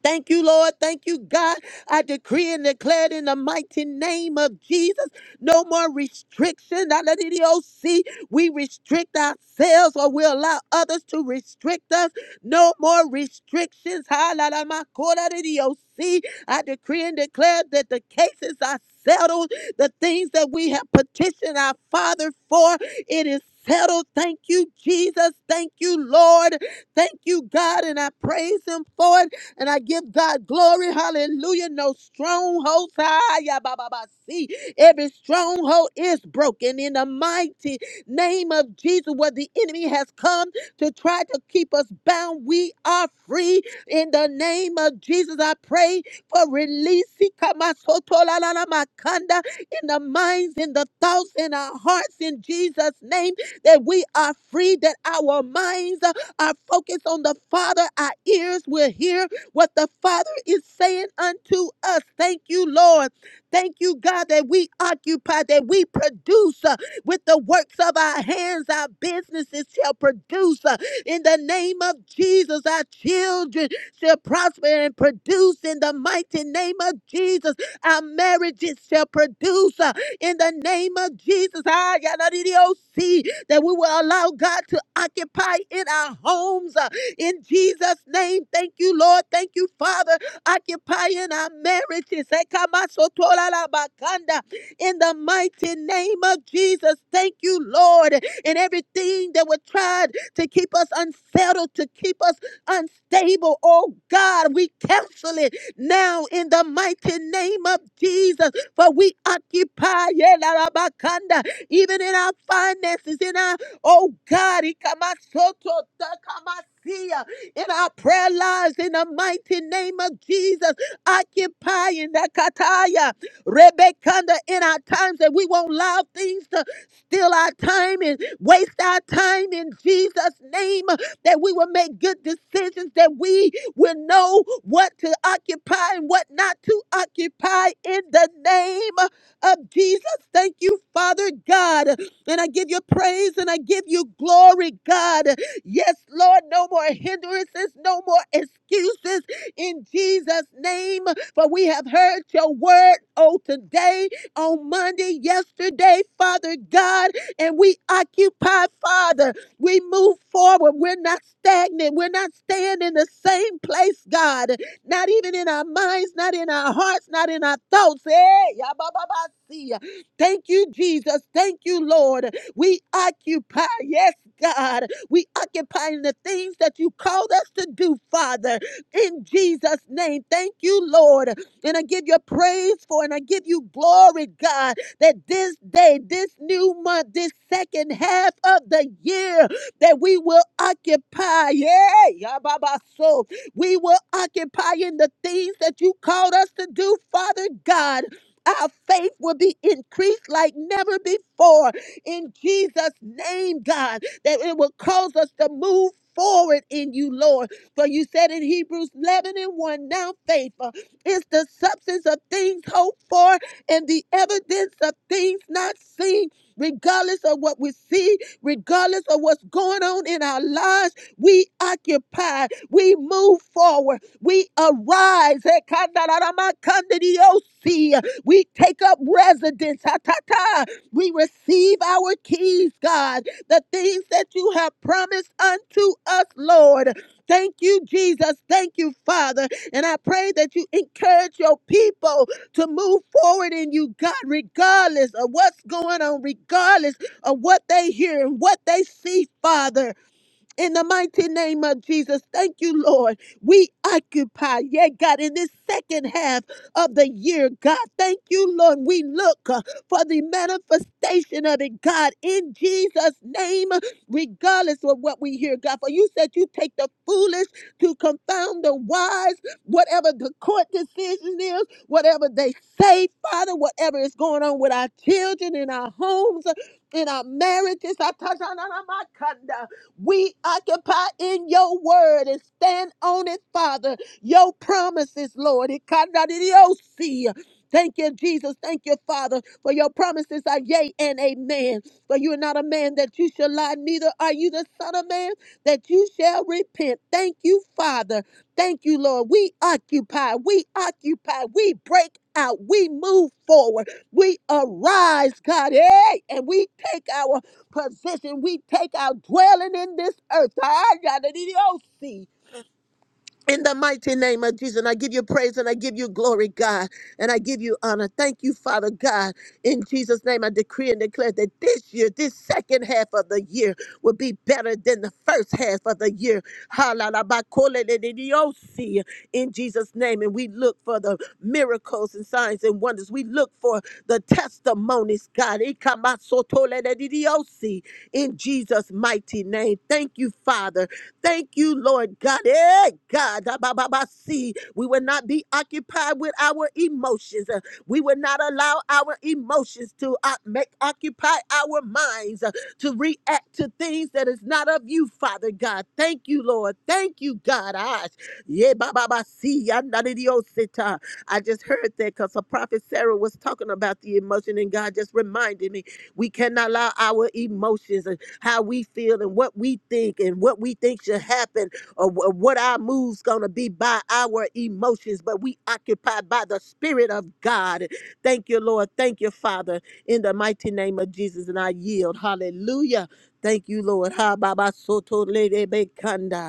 Thank you, Lord. Thank you, God. I decree and declare it in the mighty name of Jesus. No more restriction. I let it all see. We restrict ourselves or we allow others to restrict us. No more restrictions. Ha, la, la, ma, ko, la, di, di, oh, see. I decree and declare that the cases are settled. The things that we have petitioned our Father for, it is settled. Thank you, Jesus. Thank you, Lord. Thank you, God. And I praise Him for it. And I give God glory. Hallelujah. No strongholds. ah, yeah, ba, ba, ba, See, every stronghold is broken in the mighty name of Jesus. Where the enemy has come to try to keep us bound, we are free in the name of Jesus. I pray for release Sikamasotolalalamakanda, in the minds, in the thoughts, in our hearts, in Jesus' name, that we are free, that our minds uh, are focused on the Father, our ears will hear what the Father is saying unto us. Thank you, Lord. Thank you, God, that we occupy, that we produce uh, with the works of our hands. Our businesses shall produce uh, in the name of Jesus. Our children shall prosper and produce in the mighty name of Jesus. Our marriages shall produce uh, in the name of Jesus. Ah, yada, dee, dee, oh, see that we will allow God to occupy in our homes. Uh, in Jesus' name, thank you, Lord. Thank you, Father. Occupying our marriages. In the mighty name of Jesus, thank you, Lord. And everything that would try to keep us unsettled, to keep us unstable, oh God, we cancel it now in the mighty name of Jesus. For we occupy, yeah, la, la, ba, kanda, even in our finances, in our Oh God, Ikamasoto Takamasia, in our prayer lives, in the mighty name of Jesus, occupying that Kataya, Rebekanda, in our times that we won't allow things to steal our time and waste our time in Jesus' name, that we will make good decisions, that we will know what to occupy and what not to occupy in the name of Jesus. Thank you, Father God. And I give you praise and I give you glory, God. Yes, Lord, no more hindrances, no more excuses in Jesus' name. For we have heard your word, oh, today, on Monday, yesterday, Father God, and we occupy, Father. We move forward. We're not stagnant. We're not staying in the same place, God. Not even in our minds, not in our hearts, not in our thoughts. Hey, ya ba ba ba, see ya. Thank you, Jesus. Thank you, Lord. We occupy, yes, God. We occupy in the things that you called us to do, Father, in Jesus' name. Thank you, Lord. And I give you praise for and I give you glory, God, that this day, this new month, this second half of the year, that we will occupy. Yeah, yeah, Baba. So we will occupy in the things that you called us to do, Father God. Our faith will be increased like never before in Jesus' name, God, that it will cause us to move forward in you, Lord. For you said in Hebrews 11 and 1, now faith uh, is the substance of things hoped for and the evidence of things not seen. Regardless of what we see, regardless of what's going on in our lives, we occupy, we move forward, we arise. Ekandaramakandidiosi. We take up residence. Ha, ta, ta. We receive our keys, God, the things that you have promised unto us, Lord. Thank you, Jesus. Thank you, Father. And I pray that you encourage your people to move forward in you, God, regardless of what's going on, regardless of what they hear and what they see, Father. In the mighty name of Jesus, thank you, Lord. We occupy, yeah, God, in this second half of the year, God, thank you, Lord. We look uh, for the manifestation of it, God, in Jesus' name, regardless of what we hear, God. For you said you take the foolish to confound the wise, whatever the court decision is, whatever they say, Father, whatever is going on with our children in our homes, in our marriages. I touch on we occupy in your word and stand on it, Father. Your promises, Lord. Ikanadidiosi. Thank you, Jesus. Thank you, Father, for your promises are yea and amen. For you are not a man that you shall lie, neither are you the Son of Man that you shall repent. Thank you, Father. Thank you, Lord. We occupy, we occupy, we break out, we move forward, we arise, God, hey, and we take our position we take our dwelling in this earth. Ah, yada dee dee oh, see. In the mighty name of Jesus, and I give you praise and I give you glory, God, and I give you honor. Thank you, Father God. In Jesus' name, I decree and declare that this year, this second half of the year, will be better than the first half of the year. Hallelujah. In Jesus' name, and we look for the miracles and signs and wonders. We look for the testimonies, God. In Jesus' mighty name, thank you, Father. Thank you, Lord God. Hey, God, ah, ba, ba, ba, see, we will not be occupied with our emotions. Uh, We will not allow our emotions to uh, make occupy our minds uh, to react to things that is not of you, Father God. Thank you, Lord. Thank you, God. Ah, yeah, ba, ba, ba, see, ah, na, di, di, oh, sit, ah. I just heard that because prophet Sarah was talking about the emotion, and God just reminded me we cannot allow our emotions how we feel and what we think and what we think should happen or wh- what our moves gonna be by our emotions, but we occupied by the Spirit of God. Thank you, Lord. Thank you, Father, in the mighty name of Jesus, and I yield. Hallelujah. Thank you, Lord. Ha baba soto lede bekanda.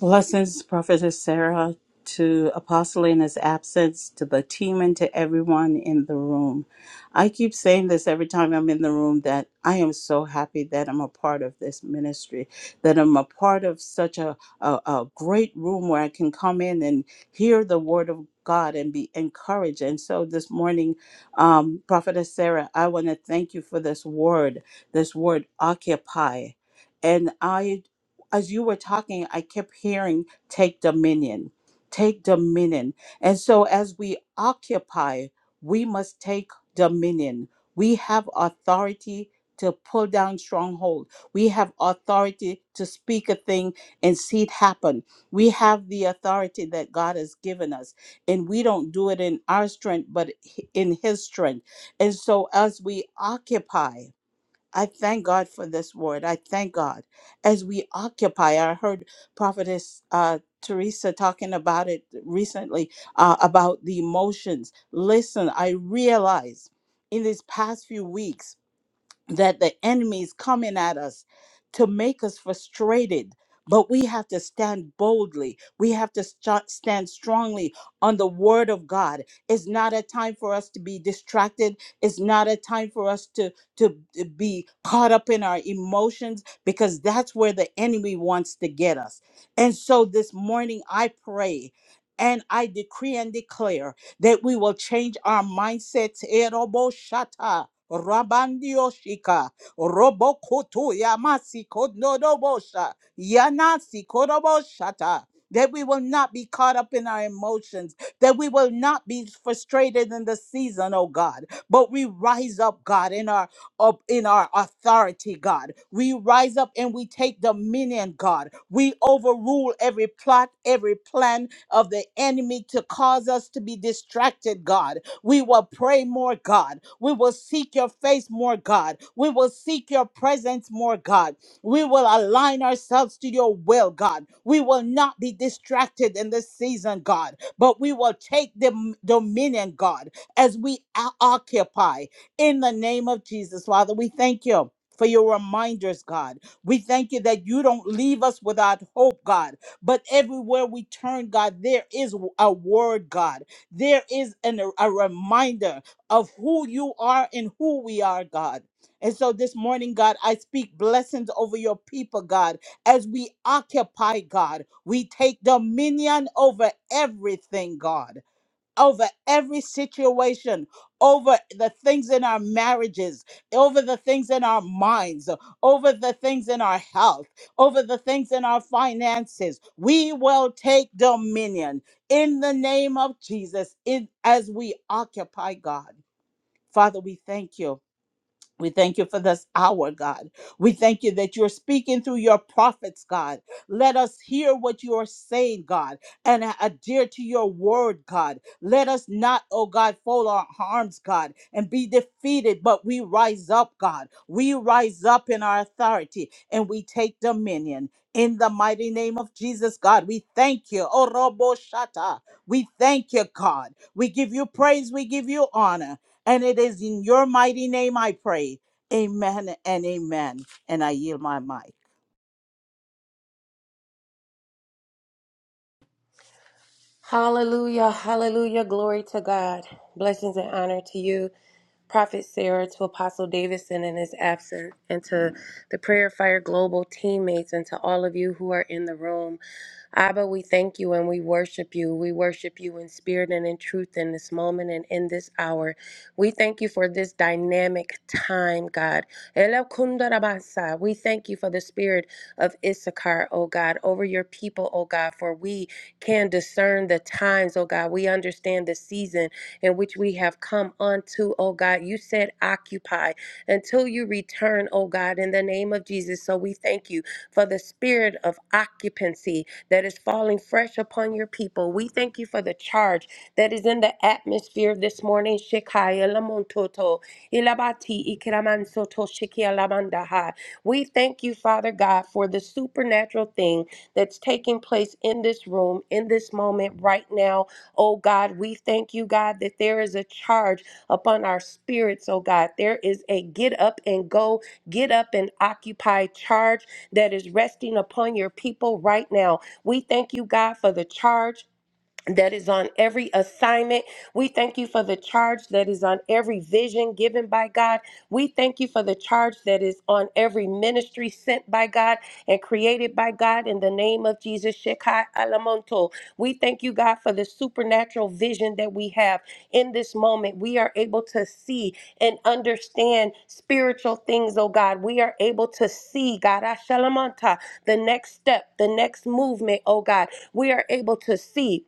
Blessings, Prophetess Sarah, to Apostle in his absence, to the team, and to everyone in the room. I keep saying this every time I'm in the room that I am so happy that I'm a part of this ministry, that I'm a part of such a, a, a great room where I can come in and hear the word of God and be encouraged. And so this morning, um, Prophetess Sarah, I want to thank you for this word, this word occupy. And I as you were talking, I kept hearing take dominion, take dominion. And so as we occupy, we must take dominion. We have authority to pull down stronghold. We have authority to speak a thing and see it happen. We have the authority that God has given us, and we don't do it in our strength, but in His strength. And so as we occupy, I thank God for this word. I thank God as we occupy. I heard Prophetess uh, Teresa talking about it recently uh, about the emotions. Listen, I realize in these past few weeks that the enemy is coming at us to make us frustrated. But we have to stand boldly. We have to sta- stand strongly on the word of God. It's not a time for us to be distracted. It's not a time for us to, to be caught up in our emotions because that's where the enemy wants to get us. And so this morning, I pray and I decree and declare that we will change our mindsets. Rabandio shika, robokoto yamasi kododobosha, yanasi kodoboshata. That we will not be caught up in our emotions, that we will not be frustrated in the season, oh God, but we rise up, God, in our up in our authority, God. We rise up and we take dominion, God. We overrule every plot, every plan of the enemy to cause us to be distracted, God we will pray more, God. We will seek your face more, God. We will seek your presence more, God. We will align ourselves to your will, God. We will not be distracted in this season, God, but we will take the dominion, God, as we o- occupy in the name of Jesus. Father, we thank you. For your reminders, God. We thank you that you don't leave us without hope, God. But everywhere we turn, God, there is a word, God there is an, a reminder of who you are and who we are, God. And so this morning, God, I speak blessings over your people, God. As we occupy, God, we take dominion over everything, God over every situation, over the things in our marriages, over the things in our minds, over the things in our health, over the things in our finances. We will take dominion in the name of Jesus in, as we occupy God. Father, we thank you. We thank you for this hour, God. We thank you that you're speaking through your prophets, God. Let us hear what you are saying, God, and adhere to your word, God. Let us not, oh God, fold our arms, God, and be defeated, but we rise up, God. We rise up in our authority and we take dominion. In the mighty name of Jesus, God, we thank you. Orobo shata. We thank you, God. We give you praise. We give you honor. And it is in your mighty name I pray. Amen and amen. And I yield my mic. Hallelujah, hallelujah, glory to God. Blessings and honor to you, Prophet Sarah, to Apostle Davidson in his absence, and to the Prayer Fire Global teammates, and to all of you who are in the room. Abba, we thank you and we worship you. We worship you in spirit and in truth in this moment and in this hour. We thank you for this dynamic time, God. Elekundarabasa. We thank you for the spirit of Issachar, O God, over your people, O God, for we can discern the times, O God. We understand the season in which we have come unto, O God. You said occupy until you return, O God, in the name of Jesus. So we thank you for the spirit of occupancy that is falling fresh upon your people. We thank you for the charge that is in the atmosphere this morning. Shekaya lamontoto, ilabati ikiramansoto shikia lamandaha. We thank you, Father God, for the supernatural thing that's taking place in this room, in this moment, right now. Oh God, we thank you, God, that there is a charge upon our spirits, oh God. There is a get up and go, get up and occupy charge that is resting upon your people right now. We thank you, God, for the charge that is on every assignment. We thank you for the charge that is on every vision given by God. We thank you for the charge that is on every ministry sent by God and created by God in the name of Jesus. Shekai Alamonto. We thank you, God, for the supernatural vision that we have in this moment. We are able to see and understand spiritual things, oh God. We are able to see, God, Ashalamanta, the next step, the next movement, oh God. We are able to see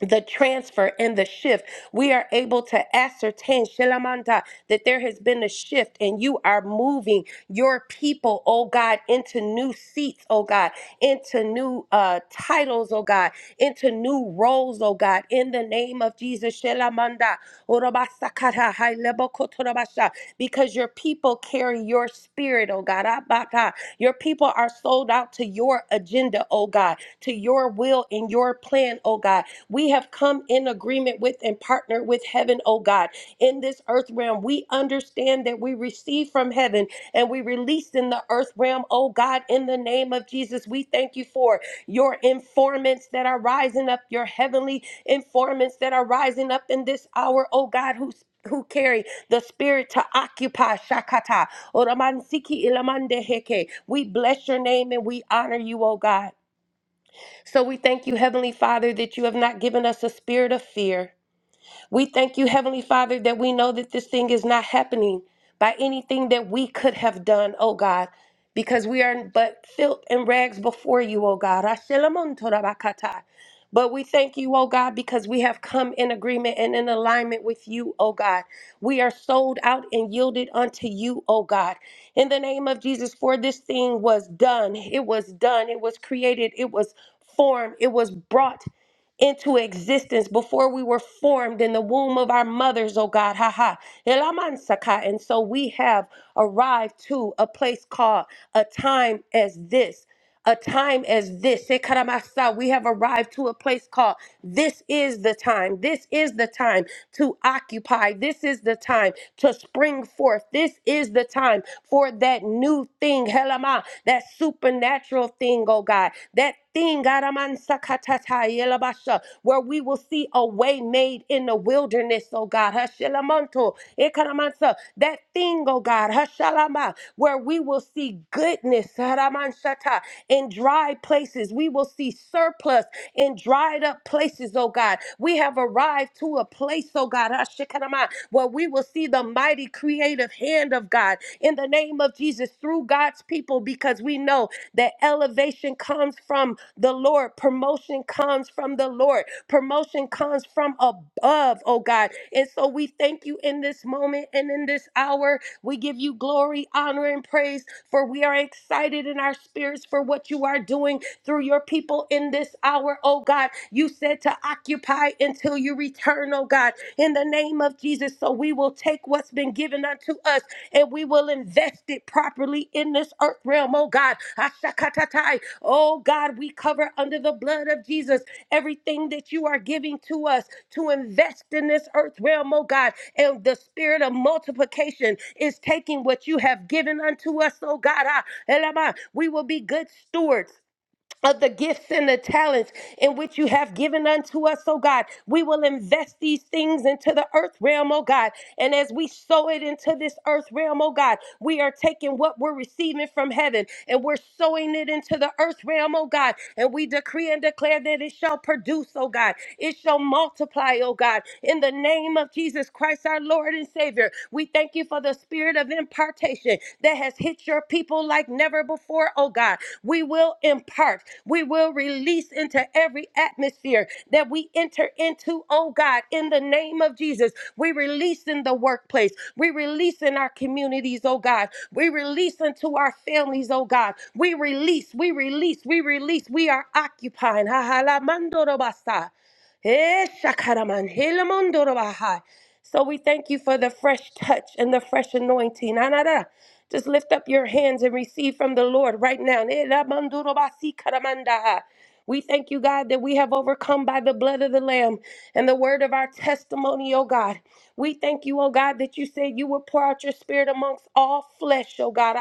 the transfer and the shift, we are able to ascertain, Shelamanta, that there has been a shift and you are moving your people, oh God, into new seats, oh God, into new uh, titles, oh God, into new roles, oh God, in the name of Jesus, Shelamanda, Orobasakara, Hailebokotorobasha, because your people carry your spirit, oh God, Abata. your people are sold out to your agenda, oh God, to your will and your plan, oh God we have come in agreement with and partnered with heaven, oh God. In this earth realm, we understand that we receive from heaven and we release in the earth realm, oh God, in the name of Jesus. We thank you for your informants that are rising up, your heavenly informants that are rising up in this hour, oh God, who who carry the spirit to occupy Shakata. Oramansiki ilamandeheke. We bless your name and we honor you, oh God. So we thank you, Heavenly Father, that you have not given us a spirit of fear, we thank you, Heavenly Father, that we know that this thing is not happening by anything that we could have done, oh God, because we are but filth and rags before you, oh God. Ashelamontorabakata. But we thank you, oh God, because we have come in agreement and in alignment with you, oh God. We are sold out and yielded unto you, oh God. In the name of Jesus, for this thing was done. It was done. It was created. It was formed. It was brought into existence before we were formed in the womb of our mothers, oh God. Ha ha. Elamansaka. And so we have arrived to a place called a time as this a time as this. Shekaramasa, We have arrived to a place called this is the time. This is the time to occupy. This is the time to spring forth. This is the time for that new thing, Helama, that supernatural thing, oh God. That thing, Garamansakatata Yelabasha, where we will see a way made in the wilderness, oh God. Hashelamanto, Ekaramansa that thing, oh God, Hashalama, where we will see goodness, Haramanshata, in dry places. We will see surplus in dried up places, oh God. We have arrived to a place, oh God, Hashikanama, where we will see the mighty creative hand of God in the name of Jesus through God's people because we know that elevation comes from the Lord, promotion comes from the Lord, promotion comes from above, oh God and so we thank you in this moment and in this hour. We give you glory, honor, and praise, for we are excited in our spirits for what you are doing through your people in this hour, oh God. You said to occupy until you return, oh God, in the name of Jesus. So we will take what's been given unto us and we will invest it properly in this earth realm, oh God. Ashakatatai, Oh God, we cover under the blood of Jesus everything that you are giving to us to invest in this earth realm, oh God. And the spirit of multiplication is taking what you have given unto us, oh God. Ah, elama. We will be good stewards of the gifts and the talents in which you have given unto us, oh God. We will invest these things into the earth realm, oh God. And as we sow it into this earth realm, oh God, we are taking what we're receiving from heaven and we're sowing it into the earth realm, oh God. And we decree and declare that it shall produce, oh God. It shall multiply, oh God. In the name of Jesus Christ, our Lord and Savior, we thank you for the the spirit of impartation that has hit your people like never before, oh God. We will impart, we will release into every atmosphere that we enter into, oh God, in the name of Jesus. We release in the workplace, we release in our communities, oh God. We release into our families, oh God. We release, we release, we release. We are occupying. Ha ha la mando Eh, shakaraman, hilamondorobahai. So we thank you for the fresh touch and the fresh anointing. Anada. Just lift up your hands and receive from the Lord right now. Eh, lamandorobasi karamandahai. We thank you, God, that we have overcome by the blood of the Lamb and the word of our testimony, oh God. We thank you, oh God, that you said you will pour out your spirit amongst all flesh, oh God.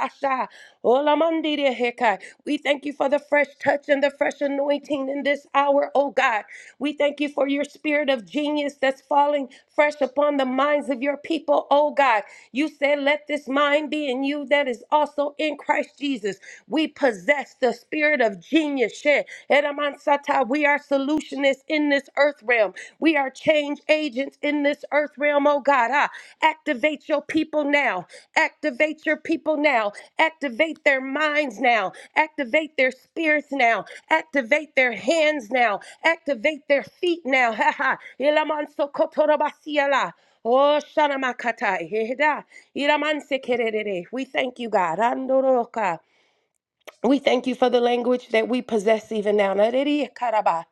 Olamandideheka. We thank you for the fresh touch and the fresh anointing in this hour, oh God. We thank you for your spirit of genius that's falling fresh upon the minds of your people, oh God. You said, Let this mind be in you that is also in Christ Jesus. We possess the spirit of genius. Sheh. Eramansata. We are solutionists in this earth realm. We we are change agents in this earth realm, oh God. Ah, activate your people now. Activate your people now. Activate their minds now. Activate their spirits now. Activate their hands now. Activate their feet now. [laughs] Ha ha. Ilamansokotorobasiala. Oh, Shana Makatai. Heda. Iramansekerere. [laughs] We thank you, God. Andoroka. We thank you for the language that we possess even now. Nariri karaba.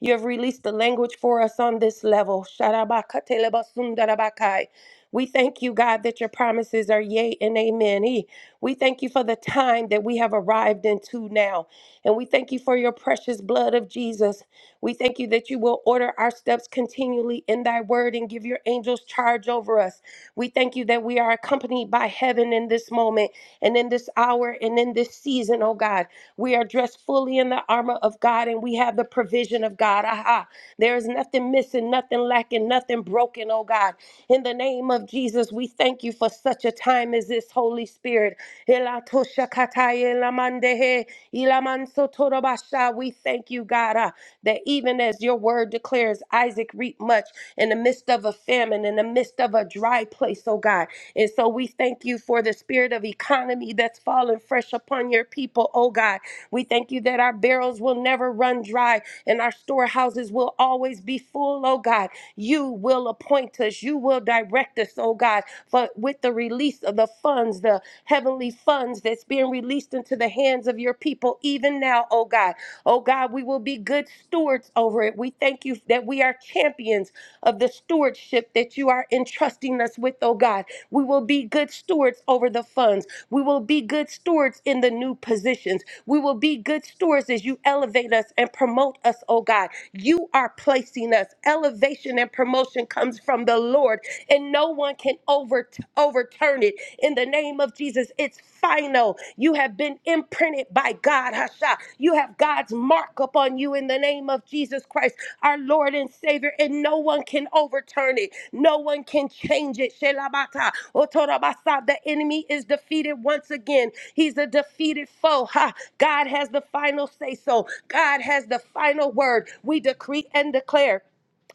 You have released the language for us on this level. Sharabakatelebasundarabaka. We thank you, God, that your promises are yea and amen. E. We thank you for the time that we have arrived into now. And we thank you for your precious blood of Jesus. We thank you that you will order our steps continually in thy word and give your angels charge over us. We thank you that we are accompanied by heaven in this moment. And in this hour and in this season, oh God, we are dressed fully in the armor of God and we have the provision of God. Aha. There is nothing missing, nothing lacking, nothing broken, oh God. In the name of Jesus, we thank you for such a time as this, Holy Spirit. Elatoshakatai elamandehe, ilamansotorobasha. We thank you, God, ah, that even as your word declares, Isaac reaped much in the midst of a famine, in the midst of a dry place, oh God. And so we thank you for the spirit of economy that's fallen fresh upon your people, oh God. We thank you that our barrels will never run dry and our storehouses will always be full, oh God. You will appoint us, you will direct us, oh God, for with the release of the funds, the heavenly funds that's being released into the hands of your people, even now, oh God. Oh God, we will be good stewards over it. We thank you that we are champions of the stewardship that you are entrusting us with, oh God. We will be good stewards over the funds. We will be good stewards in the new positions. We will be good stewards as you elevate us and promote us, oh God. You are placing us. Elevation and promotion comes from the Lord, and no one can over, overturn it. In the name of Jesus, it's final. You have been imprinted by God. Hasha. You have God's mark upon you in the name of Jesus Christ, our Lord and Savior, and no one can overturn it. No one can change it. Shelabata. Otorabasa. The enemy is defeated once again. He's a defeated foe. Ha. God has the final say so. God has the final word. We decree and declare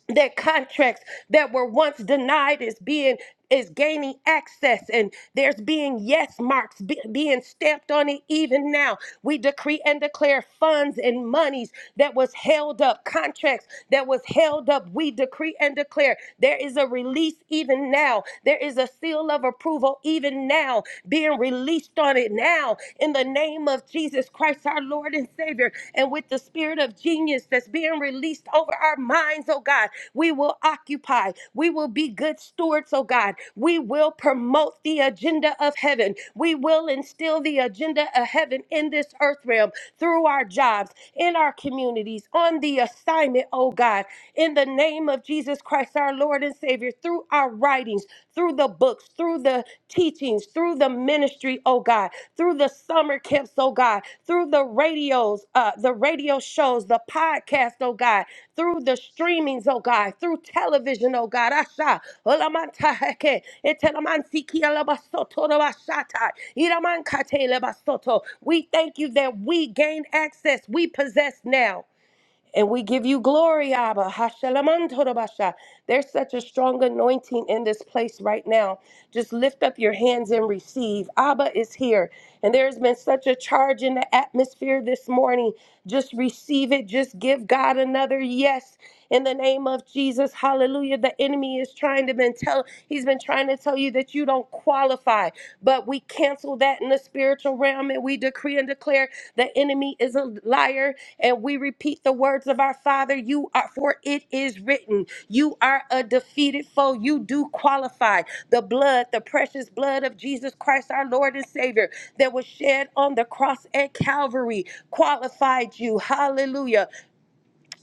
that contracts that were once denied is being is gaining access and there's being yes marks be- being stamped on it even now we decree and declare funds and monies that was held up contracts that was held up we decree and declare there is a release even now there is a seal of approval even now being released on it now in the name of Jesus Jesus Christ, our Lord and Savior, and with the spirit of genius that's being released over our minds, oh God, we will occupy. We will be good stewards, oh God. We will promote the agenda of heaven. We will instill the agenda of heaven in this earth realm through our jobs, in our communities, on the assignment, oh God, in the name of Jesus Christ, our Lord and Savior, through our writings writings, through the books, through the teachings, through the ministry, oh God, through the summer camps, oh God, through the radios, uh, the radio shows, the podcast, oh God, through the streamings, oh God, through television, oh God. Asha, olamantaheke, etelamantsiki alabasoto rabashata, iramankate lebasoto. We thank you that we gain access, we possess now. And we give you glory, Abba. Hashalamantodabasha. There's such a strong anointing in this place right now. Just lift up your hands and receive. Abba is here. And there's been such a charge in the atmosphere this morning. Just receive it. Just give God another yes in the name of Jesus. Hallelujah. The enemy is trying to been tell he's been trying to tell you that you don't qualify qualified. But we cancel that in the spiritual realm and we decree and declare the enemy is a liar. And we repeat the words of our Father, you are for it is written, you are a defeated foe. You do qualify. The blood, the precious blood of Jesus Christ, our Lord and Savior, that was shed on the cross at Calvary, qualified you. Hallelujah.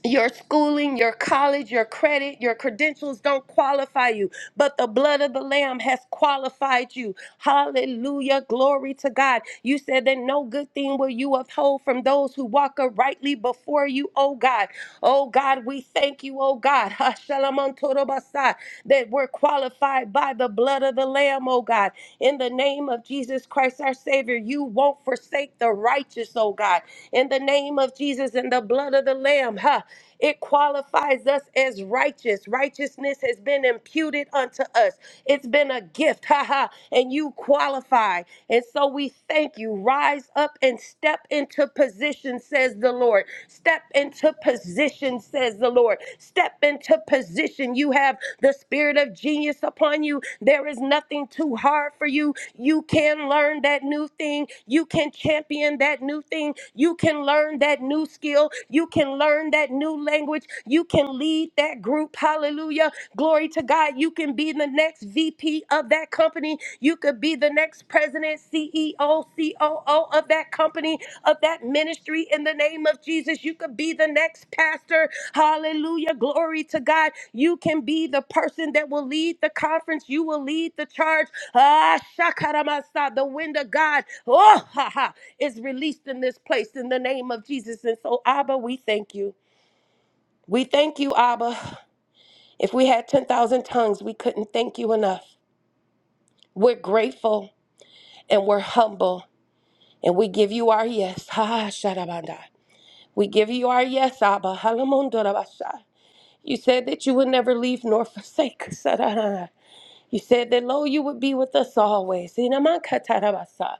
Your schooling, your college, your credit, your credentials don't qualify you, but the blood of the Lamb has qualified you. Hallelujah. Glory to God. You said that no good thing will you withhold from those who walk uprightly before you, oh God. Oh God, we thank you, oh God. [laughs] Hashalamantodobasai, That we're qualified by the blood of the Lamb, oh God. In the name of Jesus Christ, our Savior, you won't forsake the righteous, oh God in the name of Jesus and the blood of the Lamb. Ha. It qualifies us as righteous. Righteousness has been imputed unto us. It's been a gift, [laughs] haha, and you qualify. And so we thank you. Rise up and step into position, says the Lord. Step into position, says the Lord. Step into position. You have the spirit of genius upon you. There is nothing too hard for you. You can learn that new thing. You can champion that new thing. You can learn that new skill. You can learn that that new language. You can lead that group. Hallelujah. Glory to God. You can be the next VP of that company. You could be the next president, CEO, COO of that company, of that ministry in the name of Jesus. You could be the next pastor. Hallelujah. Glory to God. You can be the person that will lead the conference. You will lead the charge. Ah, shakaramasa, the wind of God. Oh, ha, ha, is released in this place in the name of Jesus. And so, Abba, we thank you. We thank you, Abba. If we had 10,000 tongues, we couldn't thank you enough. We're grateful and we're humble and we give you our yes. Ha, shadabanda. We give you our yes, Abba. Halamondorabasha. You said that you would never leave nor forsake. us. [laughs] Sadadada. You said that, lo, you would be with us always. Inamakatarabasa.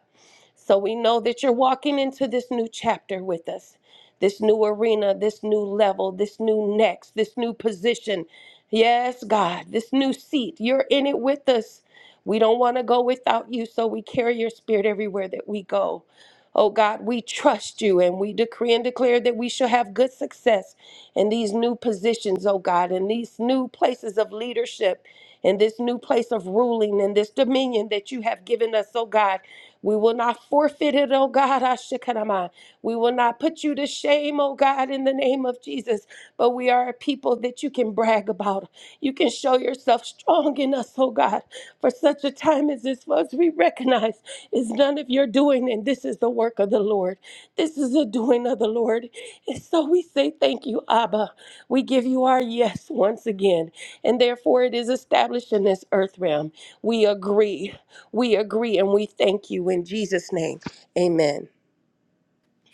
So we know that you're walking into this new chapter with us, this new arena, this new level, this new next, this new position. Yes, God, this new seat, you're in it with us. We don't want to go without you, so we carry your spirit everywhere that we go. Oh God, we trust you and we decree and declare that we shall have good success in these new positions, oh God, in these new places of leadership, in this new place of ruling, in this dominion that you have given us, oh God. We will not forfeit it, oh God. Ashikarama. We will not put you to shame, oh God, in the name of Jesus. But we are a people that you can brag about. You can show yourself strong in us, oh God. For such a time as this was, we recognize it's none of your doing, and this is the work of the Lord. This is the doing of the Lord. And so we say thank you, Abba. We give you our yes once again, and therefore it is established in this earth realm. We agree. We agree and we thank you in Jesus' name. Amen.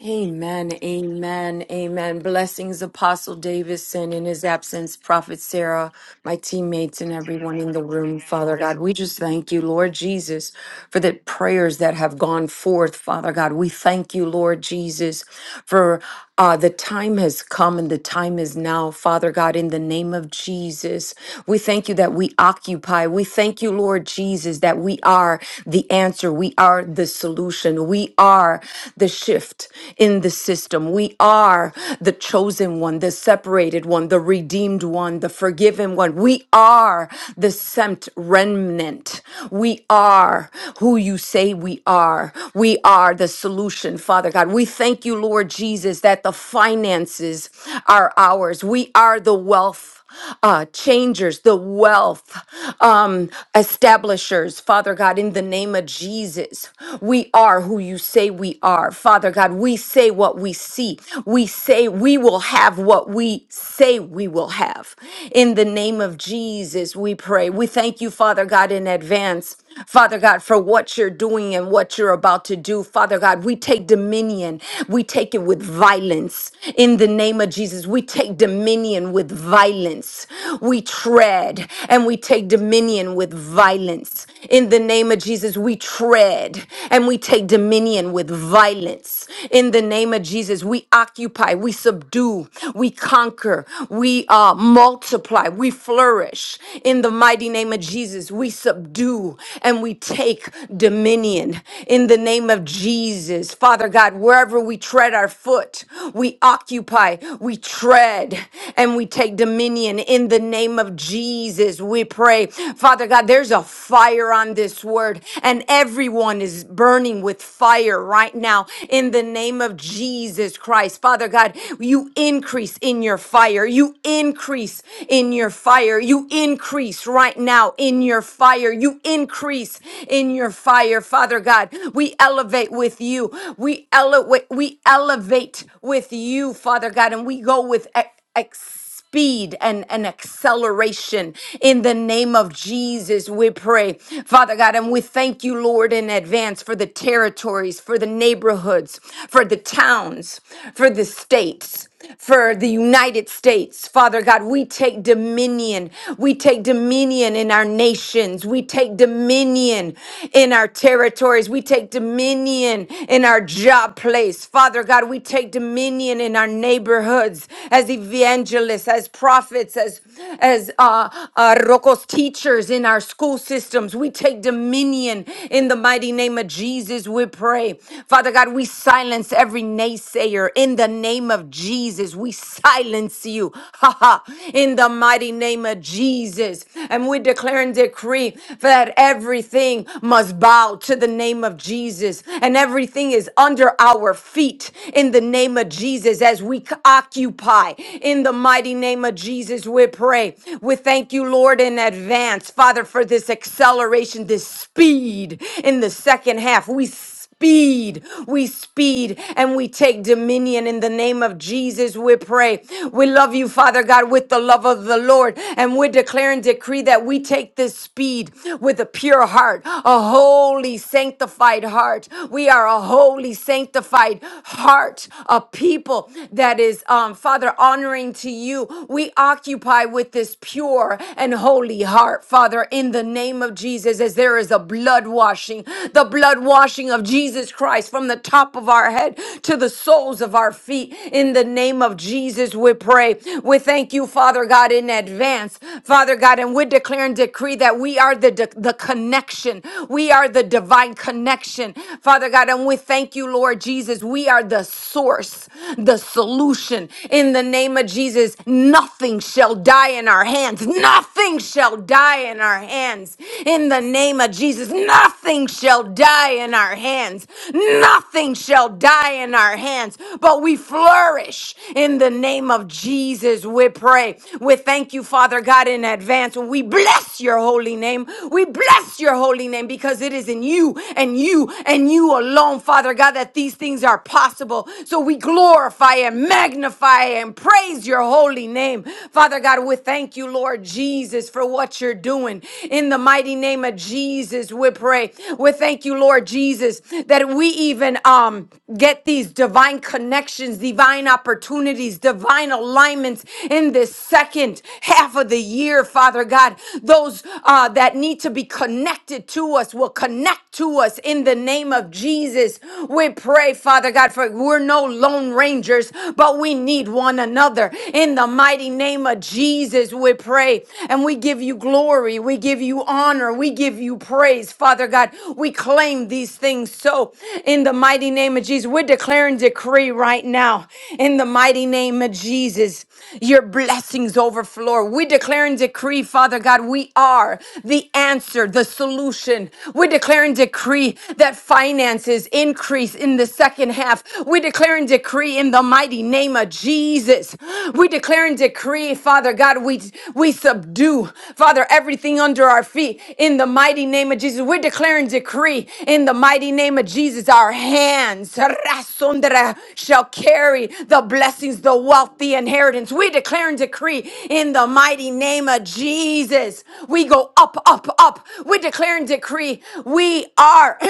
Amen, amen, amen. Blessings, Apostle Davidson in his absence, Prophet Sarah, my teammates, and everyone in the room. Father God, we just thank you, Lord Jesus, for the prayers that have gone forth, Father God. We thank you, Lord Jesus, for uh, the time has come and the time is now, Father God, in the name of Jesus. We thank you that we occupy. We thank you, Lord Jesus, that we are the answer. We are the solution. We are are the shift in the system. We are the chosen one, the separated one, the redeemed one, the forgiven one. We are the sent remnant. We are who you say we are. We are the solution, Father God. We thank you, Lord Jesus, that the finances are ours. We are the wealth uh, changers, the wealth um, establishers, Father God, in the name of Jesus. We are who you say we are, Father God. We say what we see. We say we will have what we say we will have. In the name of Jesus, we pray. We thank you, Father God, in advance Father God, for what you're doing and what you're about to do. Father God, we take dominion. We take it with violence. In the name of Jesus, we take dominion with violence. We tread and we take dominion with violence. In the name of Jesus, we tread and we take dominion with violence. In the name of Jesus, we occupy, we subdue, we conquer, we uh, multiply, we flourish. In in the mighty name of Jesus, we subdue and we take dominion. In the name of Jesus, Father God, wherever we tread our foot, we occupy, we tread, and we take dominion. In the name of Jesus, we pray. Father God, there's a fire on this word, and everyone is burning with fire right now. In the name of Jesus Christ, Father God, you increase in your fire. You increase increase in your fire. You increase right now in your fire. You increase in your fire, Father God. We elevate with you. We elevate. We elevate with you, Father God, and we go with ex- ex- speed and an acceleration in the name of Jesus we pray father god and we thank you lord in advance for the territories for the neighborhoods for the towns for the states for the United States. Father God, we take dominion. We take dominion in our nations. We take dominion in our territories. We take dominion in our job place. Father God, we take dominion in our neighborhoods as evangelists, as prophets, as as uh, uh, Rocos teachers in our school systems. We take dominion in the mighty name of Jesus. We pray. Father God, we silence against every naysayer. In the name of Jesus, we silence you. [laughs] Ha ha. In the mighty name of Jesus. And we declare and decree that everything must bow to the name of Jesus. And everything is under our feet in the name of Jesus as we c- occupy. In the mighty name of Jesus, we pray. We thank you, Lord, in advance, Father, for this acceleration, this speed in the second half. We speed. We speed and we take dominion in the name of Jesus. We pray. We love you, Father God, with the love of the Lord. And we declare and decree that we take this speed with a pure heart, a holy, sanctified heart. We are a holy, sanctified heart, a people that is, um, Father, honoring to you. We occupy with this pure and holy heart, Father, in the name of Jesus, as there is is the blood washing, the blood washing of Jesus Christ from the top of our head to the soles of our feet. In the name of Jesus, we pray. We thank you, Father God, in advance, Father God, and we declare and decree that we are the, the connection. We are the divine connection, Father God, and we thank you, Lord Jesus. We are the source, the solution. In the name of Jesus, nothing shall die in our hands. Nothing shall shall die in our hands. In the name of Jesus, nothing shall die in our hands. Nothing shall die in our hands, but we flourish in the name of Jesus. We pray. We thank you, Father God, in advance. We bless your holy name. We bless your holy name because it is in you and you and you alone, Father God, that these things are possible. So we glorify and magnify and praise your holy name. Father God, we thank you, Lord Jesus, for what you're doing. In the mighty name of Jesus, we pray. We thank you, Lord Jesus, that we even um get these divine connections, divine opportunities, divine alignments in this second half of the year, Father God. Those uh, that need to be connected to us will connect to us in the name of Jesus. We pray, Father God, for we're no lone rangers, but how we need one another. In the mighty name of Jesus, we pray and we give you glory. We give you honor. We give you praise, Father God. We claim these things so in the mighty name of Jesus. We're declaring decree right now in the mighty name of Jesus. Your blessings overflow. We declare and decree, Father God, we are the answer, the solution. We declare and decree that finances increase in the second second half. We declare and decree in the mighty name of Jesus. We declare and decree, Father God, we we subdue, Father, everything under our feet in the mighty name of Jesus. We declare and decree in the mighty name of Jesus. Our hands rasundra, shall carry the blessings, the wealth, the inheritance. We declare and decree in the mighty name of Jesus. We go up, up, up. We declare and decree we are. [clears throat]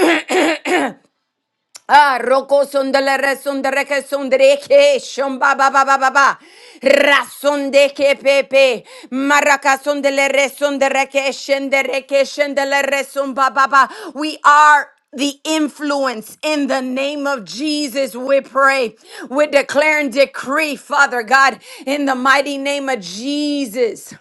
Ah, roko sondele resondere ke sondere ke shomba ba ba ba ba ba rasonde ke pepe maraka sondele resondere ke shendere ke shendele resomba ba ba. We are the influence in the name of Jesus. We pray. We declare and decree, Father God, in the mighty name of Jesus.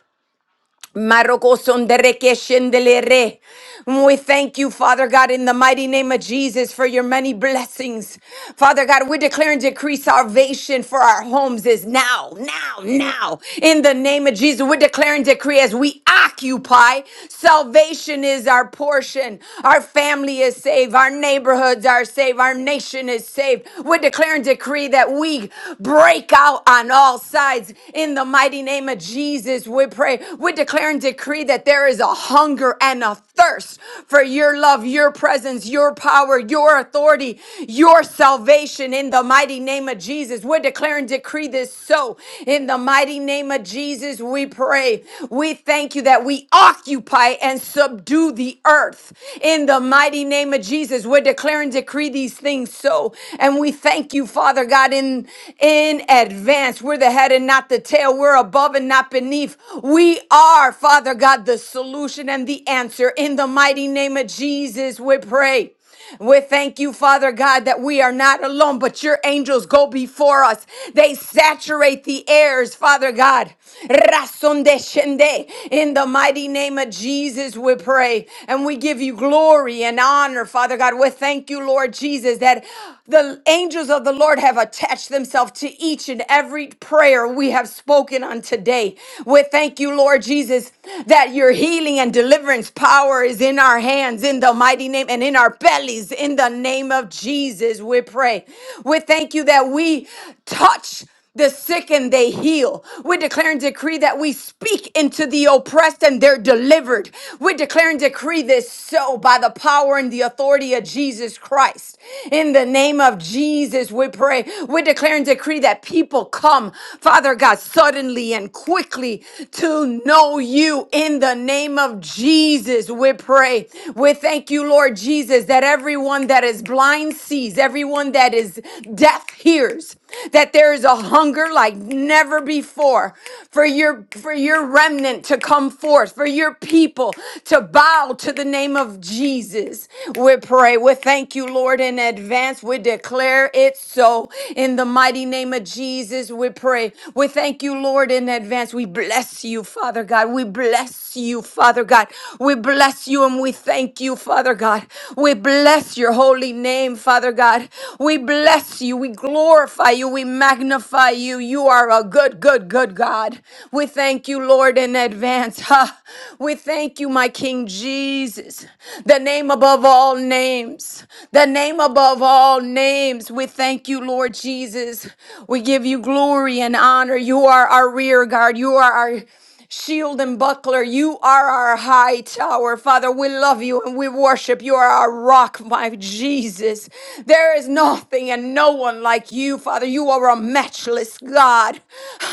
Marokosunderekeshendelere. We thank you, Father God, in the mighty name of Jesus for your many blessings. Father God, we declare and decree salvation for our homes is now, now, now. In the name of Jesus, we declare and decree as we occupy, salvation is our portion. Our family is saved. Our neighborhoods are saved. Our nation is saved. We declare and decree that we break out on all sides sides in the mighty name of Jesus. We pray, we declare and decree that there is a hunger and a thirst for your love, your presence, your power, your authority, your salvation in the mighty name of Jesus. We declare and decree this so in the mighty name of Jesus. We pray, we thank you that we occupy and subdue the earth in the mighty name of Jesus. We declare and decree these things so, and we we thank you, Father God, in, in advance. We're the head and not the tail. We're above and not beneath. We are, Father God, the solution and the answer. In the mighty name of Jesus, we pray. We thank you, Father God, that we are not alone, but your angels go before us. They saturate the airs, Father God. Razón de shende. In the mighty name of Jesus, we pray. And we give you glory and honor honor, Father God. We thank you, Lord Jesus, that the angels of the Lord have attached themselves to each and every prayer we have spoken on today. We thank you, Lord Jesus, that your healing and deliverance power is in our hands, in the mighty name, and in our bellies, in the name of Jesus. We pray. We thank you that we touch the sick and they heal. We declare and decree that we speak into the oppressed and they're delivered. We declare and decree this so by the power and the authority of Jesus Christ. In the name of Jesus, we pray. We declare and decree that people come, Father God, suddenly and quickly to know you. In the name of Jesus, we pray. We thank you, Lord Jesus, that everyone that is blind sees, everyone that is deaf hears, that there is a hunger like never before for your for your remnant to come forth for your people to bow to the name of Jesus we pray we thank you Lord in advance we declare it so in the mighty name of Jesus we pray we thank you Lord in advance we bless you Father God we bless you Father God we bless you and we thank you Father God we bless your holy name Father God God. We bless you. We glorify you. We magnify you. You are a good, good, good God. We thank you, Lord, in advance. Ha. We thank you, my King Jesus, the name above all names, the name above all names. We thank you, Lord Jesus. We give you glory and honor. You are our rear guard. You are our Shield and buckler, you are our high tower. Father, we love you and we worship. You are our rock, my Jesus. There is nothing and no one like you, Father. You are a matchless God.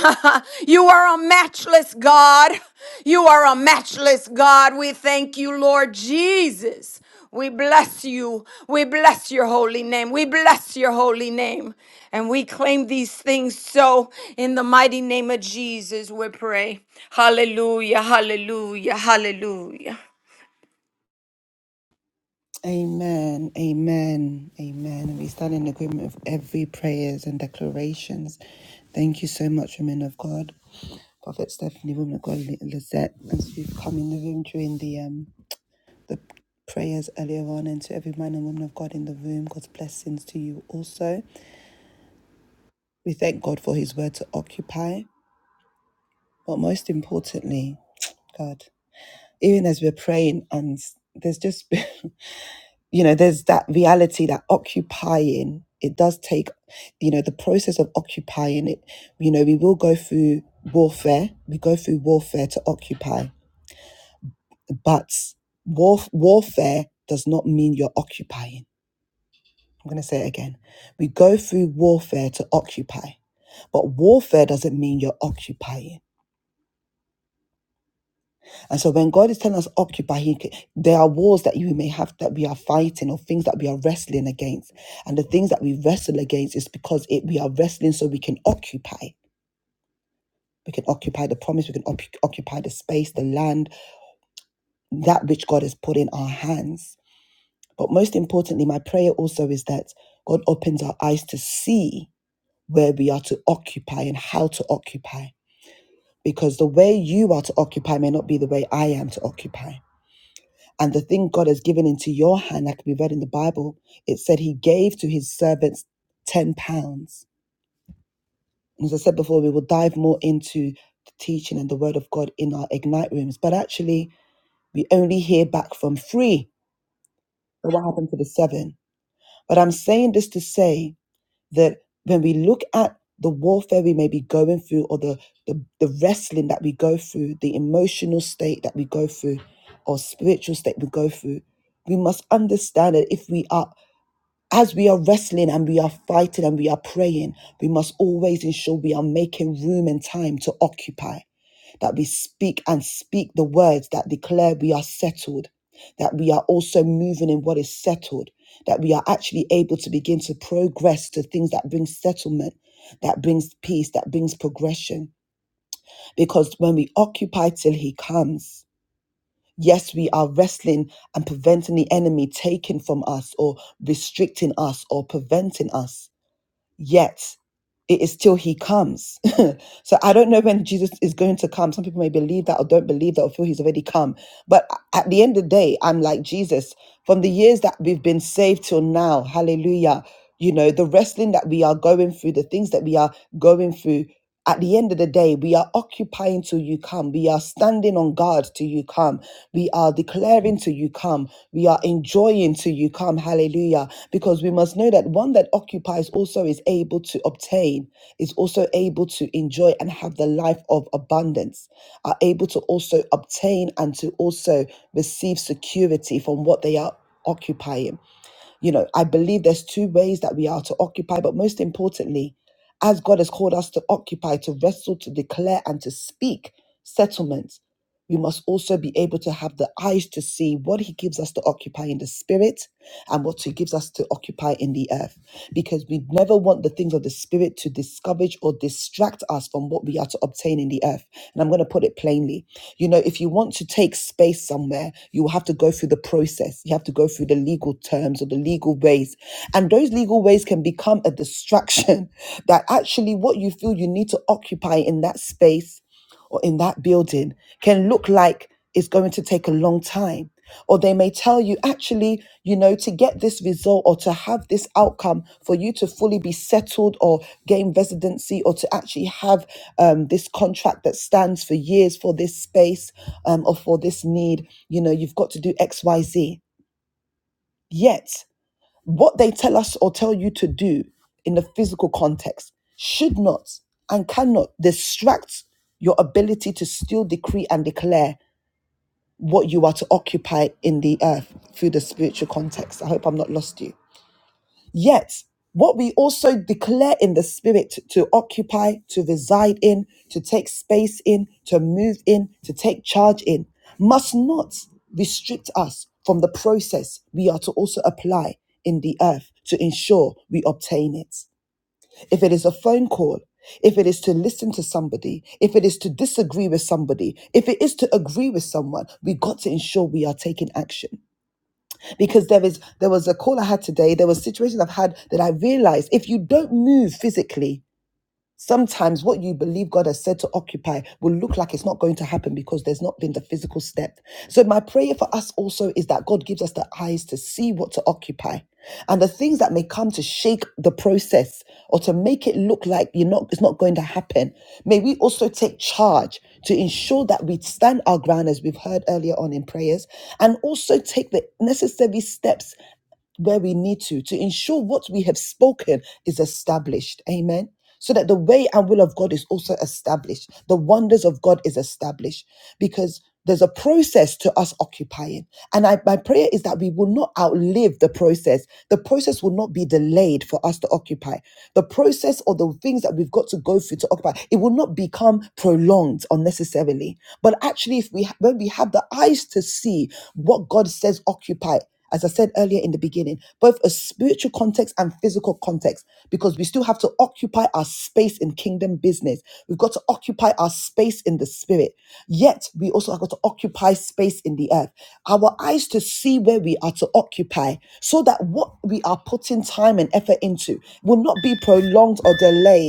[laughs] you are a matchless God. You are a matchless God. We thank you, Lord Jesus. We bless you. We bless your holy name. We bless your holy name. And we claim these things so in the mighty name of Jesus, we pray. Hallelujah, hallelujah, hallelujah. Amen. Amen. Amen. We stand in agreement with every prayers and declarations. Thank you so much, women of God. Prophet Stephanie, woman of God, Li- Lizette, as we've come in the room during the um the prayers earlier on, and to every man and woman of God in the room, God's blessings to you also. We thank God for His word to occupy, but most importantly, God, even as we're praying, and there's just, [laughs] you know, there's that reality that occupying, it does take, you know, the process of occupying it, you know, we will go through warfare, we go through warfare to occupy, but warf- warfare does not mean you're occupying. I'm going to say it again. We go through warfare to occupy, but warfare doesn't mean you're occupying And so when God is telling us occupy, he, there are wars that you may have that we are fighting or things that we are wrestling against. And the things that we wrestle against is because it, we are wrestling so we can occupy. We can occupy the promise, we can occu- occupy the space, the land, that which God has put in our hands. But most importantly, my prayer also is that God opens our eyes to see where we are to occupy and how to occupy. Because the way you are to occupy may not be the way I am to occupy. And the thing God has given into your hand, that can be read in the Bible, it said he gave to his servants 10 pounds. And as I said before, we will dive more into the teaching and the word of God in our Ignite rooms. But actually, we only hear back from three. So what happened to the seven? But I'm saying this to say that when we look at the warfare we may be going through or the, the, the wrestling that we go through, the emotional state that we go through, or spiritual state we go through, we must understand that if we are As we are wrestling and we are fighting and we are praying, we must always ensure we are making room and time to occupy, that we speak and speak the words that declare we are settled, that we are also moving in what is settled, that we are actually able to begin to progress to things that bring settlement, that brings peace, that brings progression. Because when we occupy till he comes, yes, we are wrestling and preventing the enemy taking from us or restricting us or preventing us yet it is till he comes. [laughs] so I don't know when Jesus is going to come. Some people may believe that or don't believe that or feel he's already come. But at the end of the day, I'm like Jesus, from the years that we've been saved till now, hallelujah. You know, the wrestling that we are going through, the things that we are going through, at the end of the day, we are occupying till you come. We are standing on guard till you come. We are declaring till you come. We are enjoying till you come. Hallelujah. Because we must know that one that occupies also is able to obtain, is also able to enjoy and have the life of abundance, are able to also obtain and to also receive security from what they are occupying. You know, I believe there's two ways that we are to occupy, but most importantly, as God has called us to occupy, to wrestle, to declare, and to speak settlements we must also be able to have the eyes to see what he gives us to occupy in the spirit and what he gives us to occupy in the earth because we never want the things of the spirit to discourage or distract us from what we are to obtain in the earth and i'm going to put it plainly you know if you want to take space somewhere you will have to go through the process you have to go through the legal terms or the legal ways and those legal ways can become a distraction [laughs] that actually what you feel you need to occupy in that space or in that building can look like it's going to take a long time. Or they may tell you, actually, you know, to get this result or to have this outcome for you to fully be settled or gain residency or to actually have um, this contract that stands for years for this space um, or for this need, you know, you've got to do XYZ. Yet, what they tell us or tell you to do in the physical context should not and cannot distract your ability to still decree and declare what you are to occupy in the earth through the spiritual context. I hope I'm not lost you. Yet, what we also declare in the spirit to occupy, to reside in, to take space in, to move in, to take charge in, must not restrict us from the process we are to also apply in the earth to ensure we obtain it. If it is a phone call, if it is to listen to somebody, if it is to disagree with somebody, if it is to agree with someone, we got to ensure we are taking action because there is there was a call I had today. There was situations I've had that I realized if you don't move physically, Sometimes what you believe God has said to occupy will look like it's not going to happen because there's not been the physical step. So, my prayer for us also is that God gives us the eyes to see what to occupy and the things that may come to shake the process or to make it look like you're not, it's not going to happen. May we also take charge to ensure that we stand our ground as we've heard earlier on in prayers and also take the necessary steps where we need to to ensure what we have spoken is established. Amen. So that the way and will of God is also established. The wonders of God is established because there's a process to us occupying. And I, my prayer is that we will not outlive the process. The process will not be delayed for us to occupy. The process or the things that we've got to go through to occupy, it will not become prolonged unnecessarily. But actually, if we when we have the eyes to see what God says occupy, as I said earlier in the beginning, both a spiritual context and physical context, because we still have to occupy our space in kingdom business. We've got to occupy our space in the spirit. Yet we also have got to occupy space in the earth. Our eyes to see where we are to occupy, so that what we are putting time and effort into will not be prolonged or delayed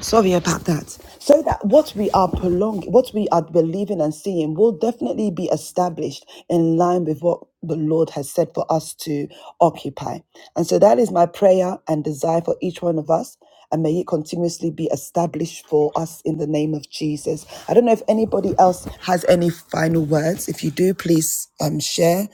Sorry about that. So that what we are prolonging, what we are believing and seeing will definitely be established in line with what the Lord has said for us to occupy. And so that is my prayer and desire for each one of us. And may it continuously be established for us in the name of Jesus. I don't know if anybody else has any final words. If you do, please um, share.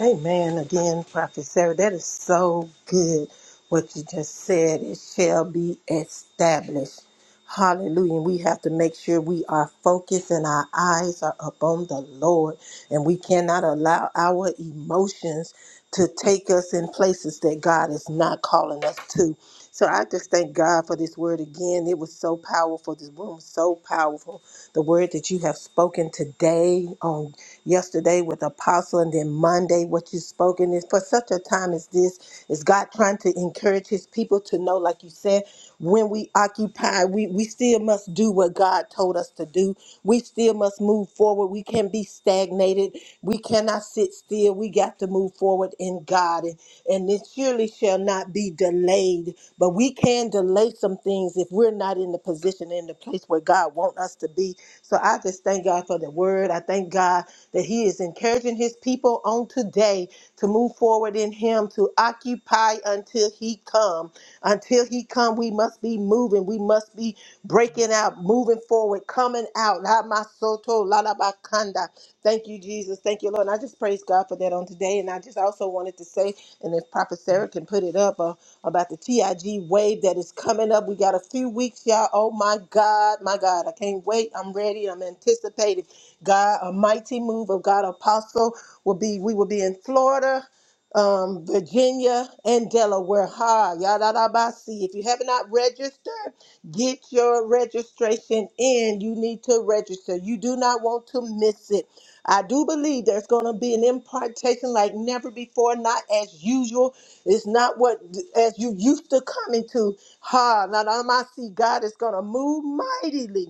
Amen. Again, Prophet Sarah, that is so good what you just said. It shall be established. Hallelujah. And we have to make sure we are focused and our eyes are upon the Lord. And we cannot allow our emotions to take us in places that God is not calling us to. So I just thank God for this word again. It was so powerful. This room was so powerful. The word that you have spoken today on yesterday with Apostle and then Monday what you spoke. And it's for such a time as this, is God trying to encourage his people to know, like you said, when we occupy, we, we still must do what God told us to do. We still must move forward. We can't be stagnated. We cannot sit still. We got to move forward in God. And, and it surely shall not be delayed. But we can delay some things if we're not in the position, in the place where God wants us to be. So I just thank God for the word. I thank God that He is encouraging His people on today to move forward in Him, to occupy until He come. Until He come, we must be moving. We must be breaking out, moving forward, coming out. La masoto, la la bakanda. Thank you, Jesus. Thank you, Lord. And I just praise God for that on today. And I just also wanted to say, and if Prophet Sarah can put it up uh, about the TIG wave that is coming up. We got a few weeks, y'all. Oh my God, my God. I can't wait. I'm ready. I'm anticipating. God, a mighty move of God apostle will be, we will be in Florida, um, Virginia, and Delaware. Ha, yadadabasi. If you have not registered, get your registration in. You need to register. You do not want to miss it. I do believe there's going to be an impartation like never before, not as usual. It's not what as you used to coming to. Ha, now I see God is going to move mightily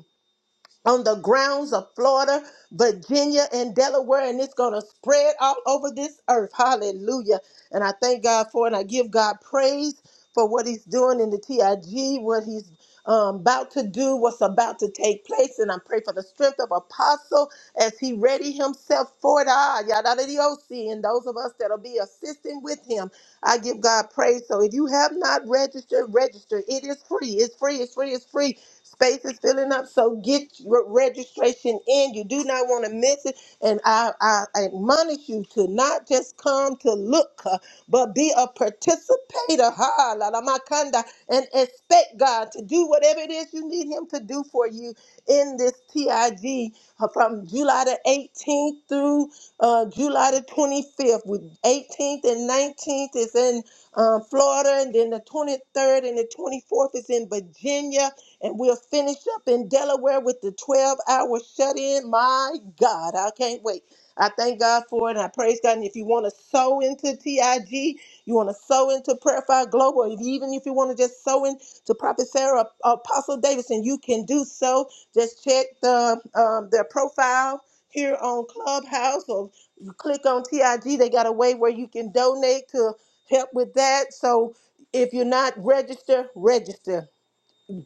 on the grounds of Florida, Virginia, and Delaware, and it's going to spread all over this earth. Hallelujah. And I thank God for it. And I give God praise for what He's doing in the TIG, what He's um, about to do, what's about to take place. And I pray for the strength of Apostle as he ready himself for it. Ah, yadadadiosi, And those of us that'll be assisting with him, I give God praise. So if you have not registered, register. It is free. It's free. It's free. It's free. Space is filling up, so get your registration in. You do not want to miss it. And I, I admonish you to not just come to look, uh, but be a participator. Ha, la, la, makanda, and expect God to do whatever it is you need Him to do for you in this TIG uh, from July the 18th through uh, July the 25th. With 18th and 19th is in uh, Florida, and then the 23rd and the 24th is in Virginia. And we'll finish up in Delaware with the 12 hour shut in. My God, I can't wait. I thank God for it. And I praise God. And if you want to sow into TIG, you want to sow into Prayer Fire Global, or if- even if you want to just sow into Prophet Sarah, uh, Apostle Davidson, you can do so. Just check the um, their profile here on Clubhouse or you click on TIG. They got a way where you can donate to help with that. So if you're not registered, register.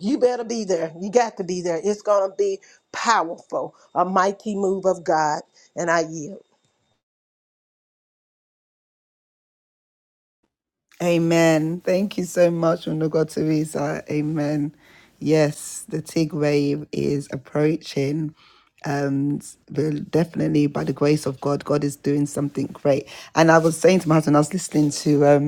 You better be there. You got to be there. It's going to be powerful, a mighty move of God. And I yield. Amen. Thank you so much, Onugo Teresa. Amen. Yes, the TIG wave is approaching. And the- definitely by the grace of God, God is doing something great. And I was saying to my husband, I was listening to um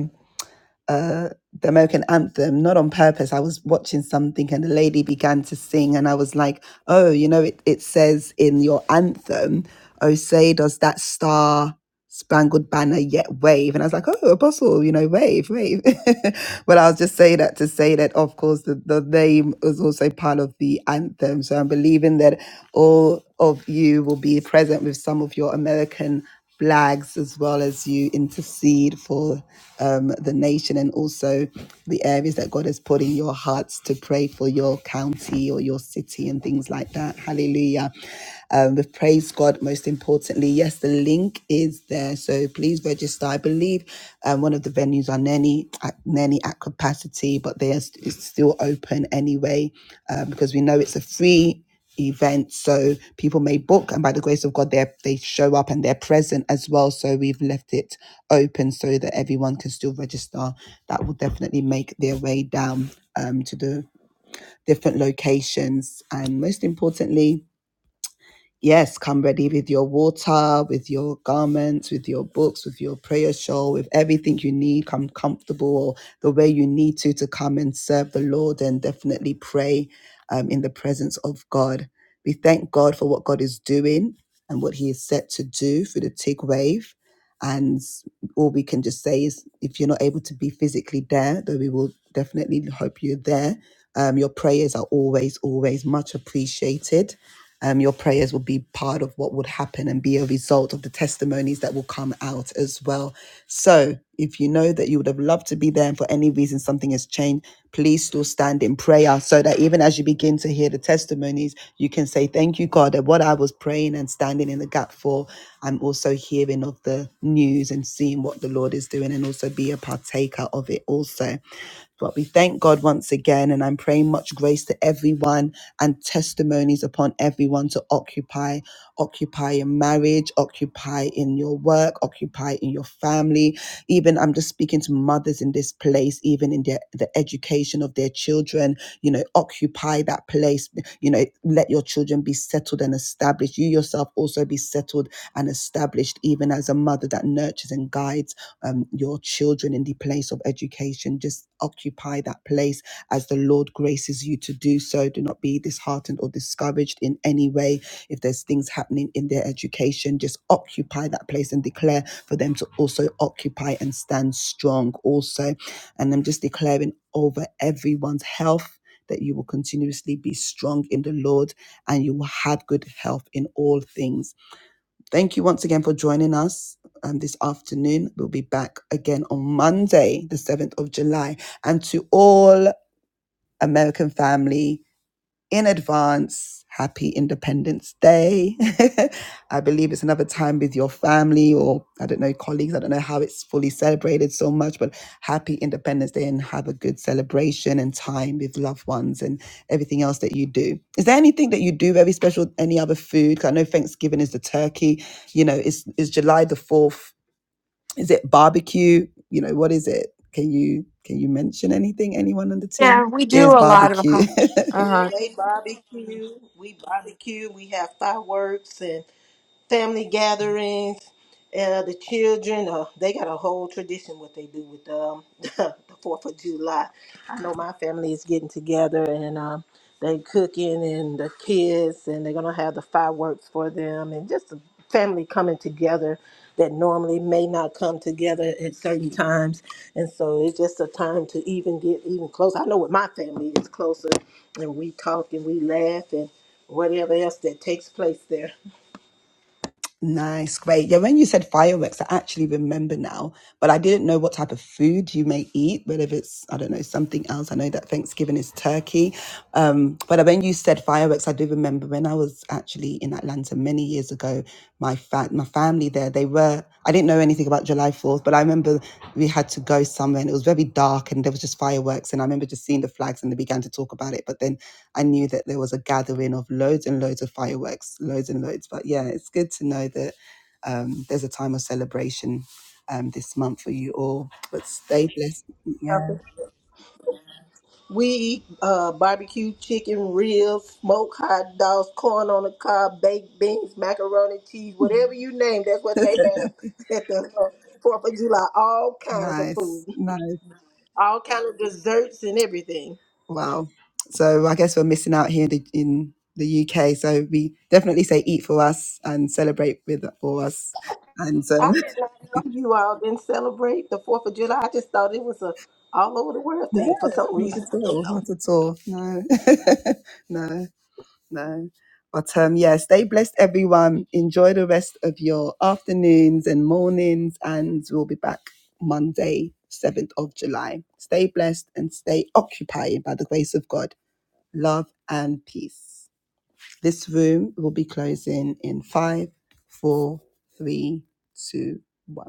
the American anthem, not on purpose. I was watching something and the lady began to sing, and I was like, oh, you know, it, it says in your anthem, oh, say, does that star spangled banner yet wave? And I was like, oh, apostle, you know, wave, wave. [laughs] but I was just saying that to say that, of course, the, the name was also part of the anthem. So I'm believing that all of you will be present with some of your American flags as well as you intercede for um, the nation and also the areas that God has put in your hearts to pray for your county or your city and things like that. Hallelujah. Um, we've praised God most importantly. Yes, the link is there, so please register. I believe um, one of the venues are nearly at, nearly at capacity, but they are st- it's still open anyway um, because we know it's a free event so people may book and by the grace of god they they show up and they're present as well so we've left it open so that everyone can still register that will definitely make their way down um, to the different locations and most importantly Yes, come ready with your water, with your garments, with your books, with your prayer shawl, with everything you need. Come comfortable or the way you need to to come and serve the Lord and definitely pray um, in the presence of God. We thank God for what God is doing and what He is set to do through the TIG wave. And all we can just say is if you're not able to be physically there, though we will definitely hope you're there um, your prayers are always, always much appreciated. Um, your prayers will be part of what would happen and be a result of the testimonies that will come out as well. So, if you know that you would have loved to be there and for any reason something has changed, please still stand in prayer so that even as you begin to hear the testimonies, you can say, Thank you, God, that what I was praying and standing in the gap for, I'm also hearing of the news and seeing what the Lord is doing and also be a partaker of it also. But we thank God once again, and I'm praying much grace to everyone and testimonies upon everyone to occupy, occupy in marriage, occupy in your work, occupy in your family. Even I'm just speaking to mothers in this place, even in their, the education of their children, you know, occupy that place, you know, let your children be settled and established. You yourself also be settled and established, even as a mother that nurtures and guides um um, your children in the place of education. Just occupy that place as the Lord graces you to do so. Do not be disheartened or discouraged in any way. If there's things happening in their education, just occupy that place and declare for them to also occupy and stand strong also. And I'm just declaring over everyone's health. That you will continuously be strong in the Lord and you will have good health in all things Thank you once again for joining us um, this afternoon. We'll be back again on Monday, the 7th of July. And to all American family, in advance, happy Independence Day. [laughs] I believe it's another time with your family or I don't know, colleagues. I don't know how it's fully celebrated so much, but happy Independence Day and have a good celebration and time with loved ones and everything else that you do. Is there anything that you do very special? Any other food? 'Cause I know Thanksgiving is the turkey. You know, it's, it's July the 4th is it barbecue? You know, what is it? Can you can you mention anything? Anyone on the Yeah, team? we It do is a lot of. barbecue. Uh huh. Yeah, they barbecue. We barbecue. We have fireworks, and. family gatherings. Uh, the children, uh, they got a whole tradition what they do with um, [laughs] the Fourth of July. I know my [laughs] family is getting together and um, they cooking and the kids and they're gonna have the fireworks for them and just the family coming together that normally may not come together at certain times. And so it's just a time to even get even closer. I know with my family it's closer and we talk and we laugh and whatever else that takes place there. Nice, great. Yeah, when you said fireworks, I actually remember now, but I didn't know what type of food you may eat, whether it's, I don't know, something else. I know that Thanksgiving is turkey. Um, but when you said fireworks, I do remember when I was actually in Atlanta many years ago, My fa- my family there. They were, I didn't know anything about July 4th, but I remember we had to go somewhere and it was very dark and there was just fireworks. And I remember just seeing the flags and they began to talk about it. But then I knew that there was a gathering of loads and loads of fireworks, loads and loads. But yeah, it's good to know that um, there's a time of celebration um, this month for you all. But stay blessed. Yeah, We eat uh, barbecue chicken, ribs, smoked hot dogs, corn on the cob, baked beans, macaroni, cheese, whatever you name. That's what they have [laughs] at the uh, Fourth of July. All kinds of food, nice, nice. all kind of desserts and everything. Wow. So I guess we're missing out here in the, in the UK. So we definitely say eat for us and celebrate with for us. And so I [laughs] did not know you all didn't celebrate the Fourth of July. I just thought it was a all over the world no, thing for some not reason. at I don't all, know. not at all. No, [laughs] no, no. But um, yeah, stay blessed, everyone. Enjoy the rest of your afternoons and mornings, and we'll be back Monday, seventh of July. Stay blessed and stay occupied by the grace of God. Love and peace. This room will be closing in five, four, three, two, one.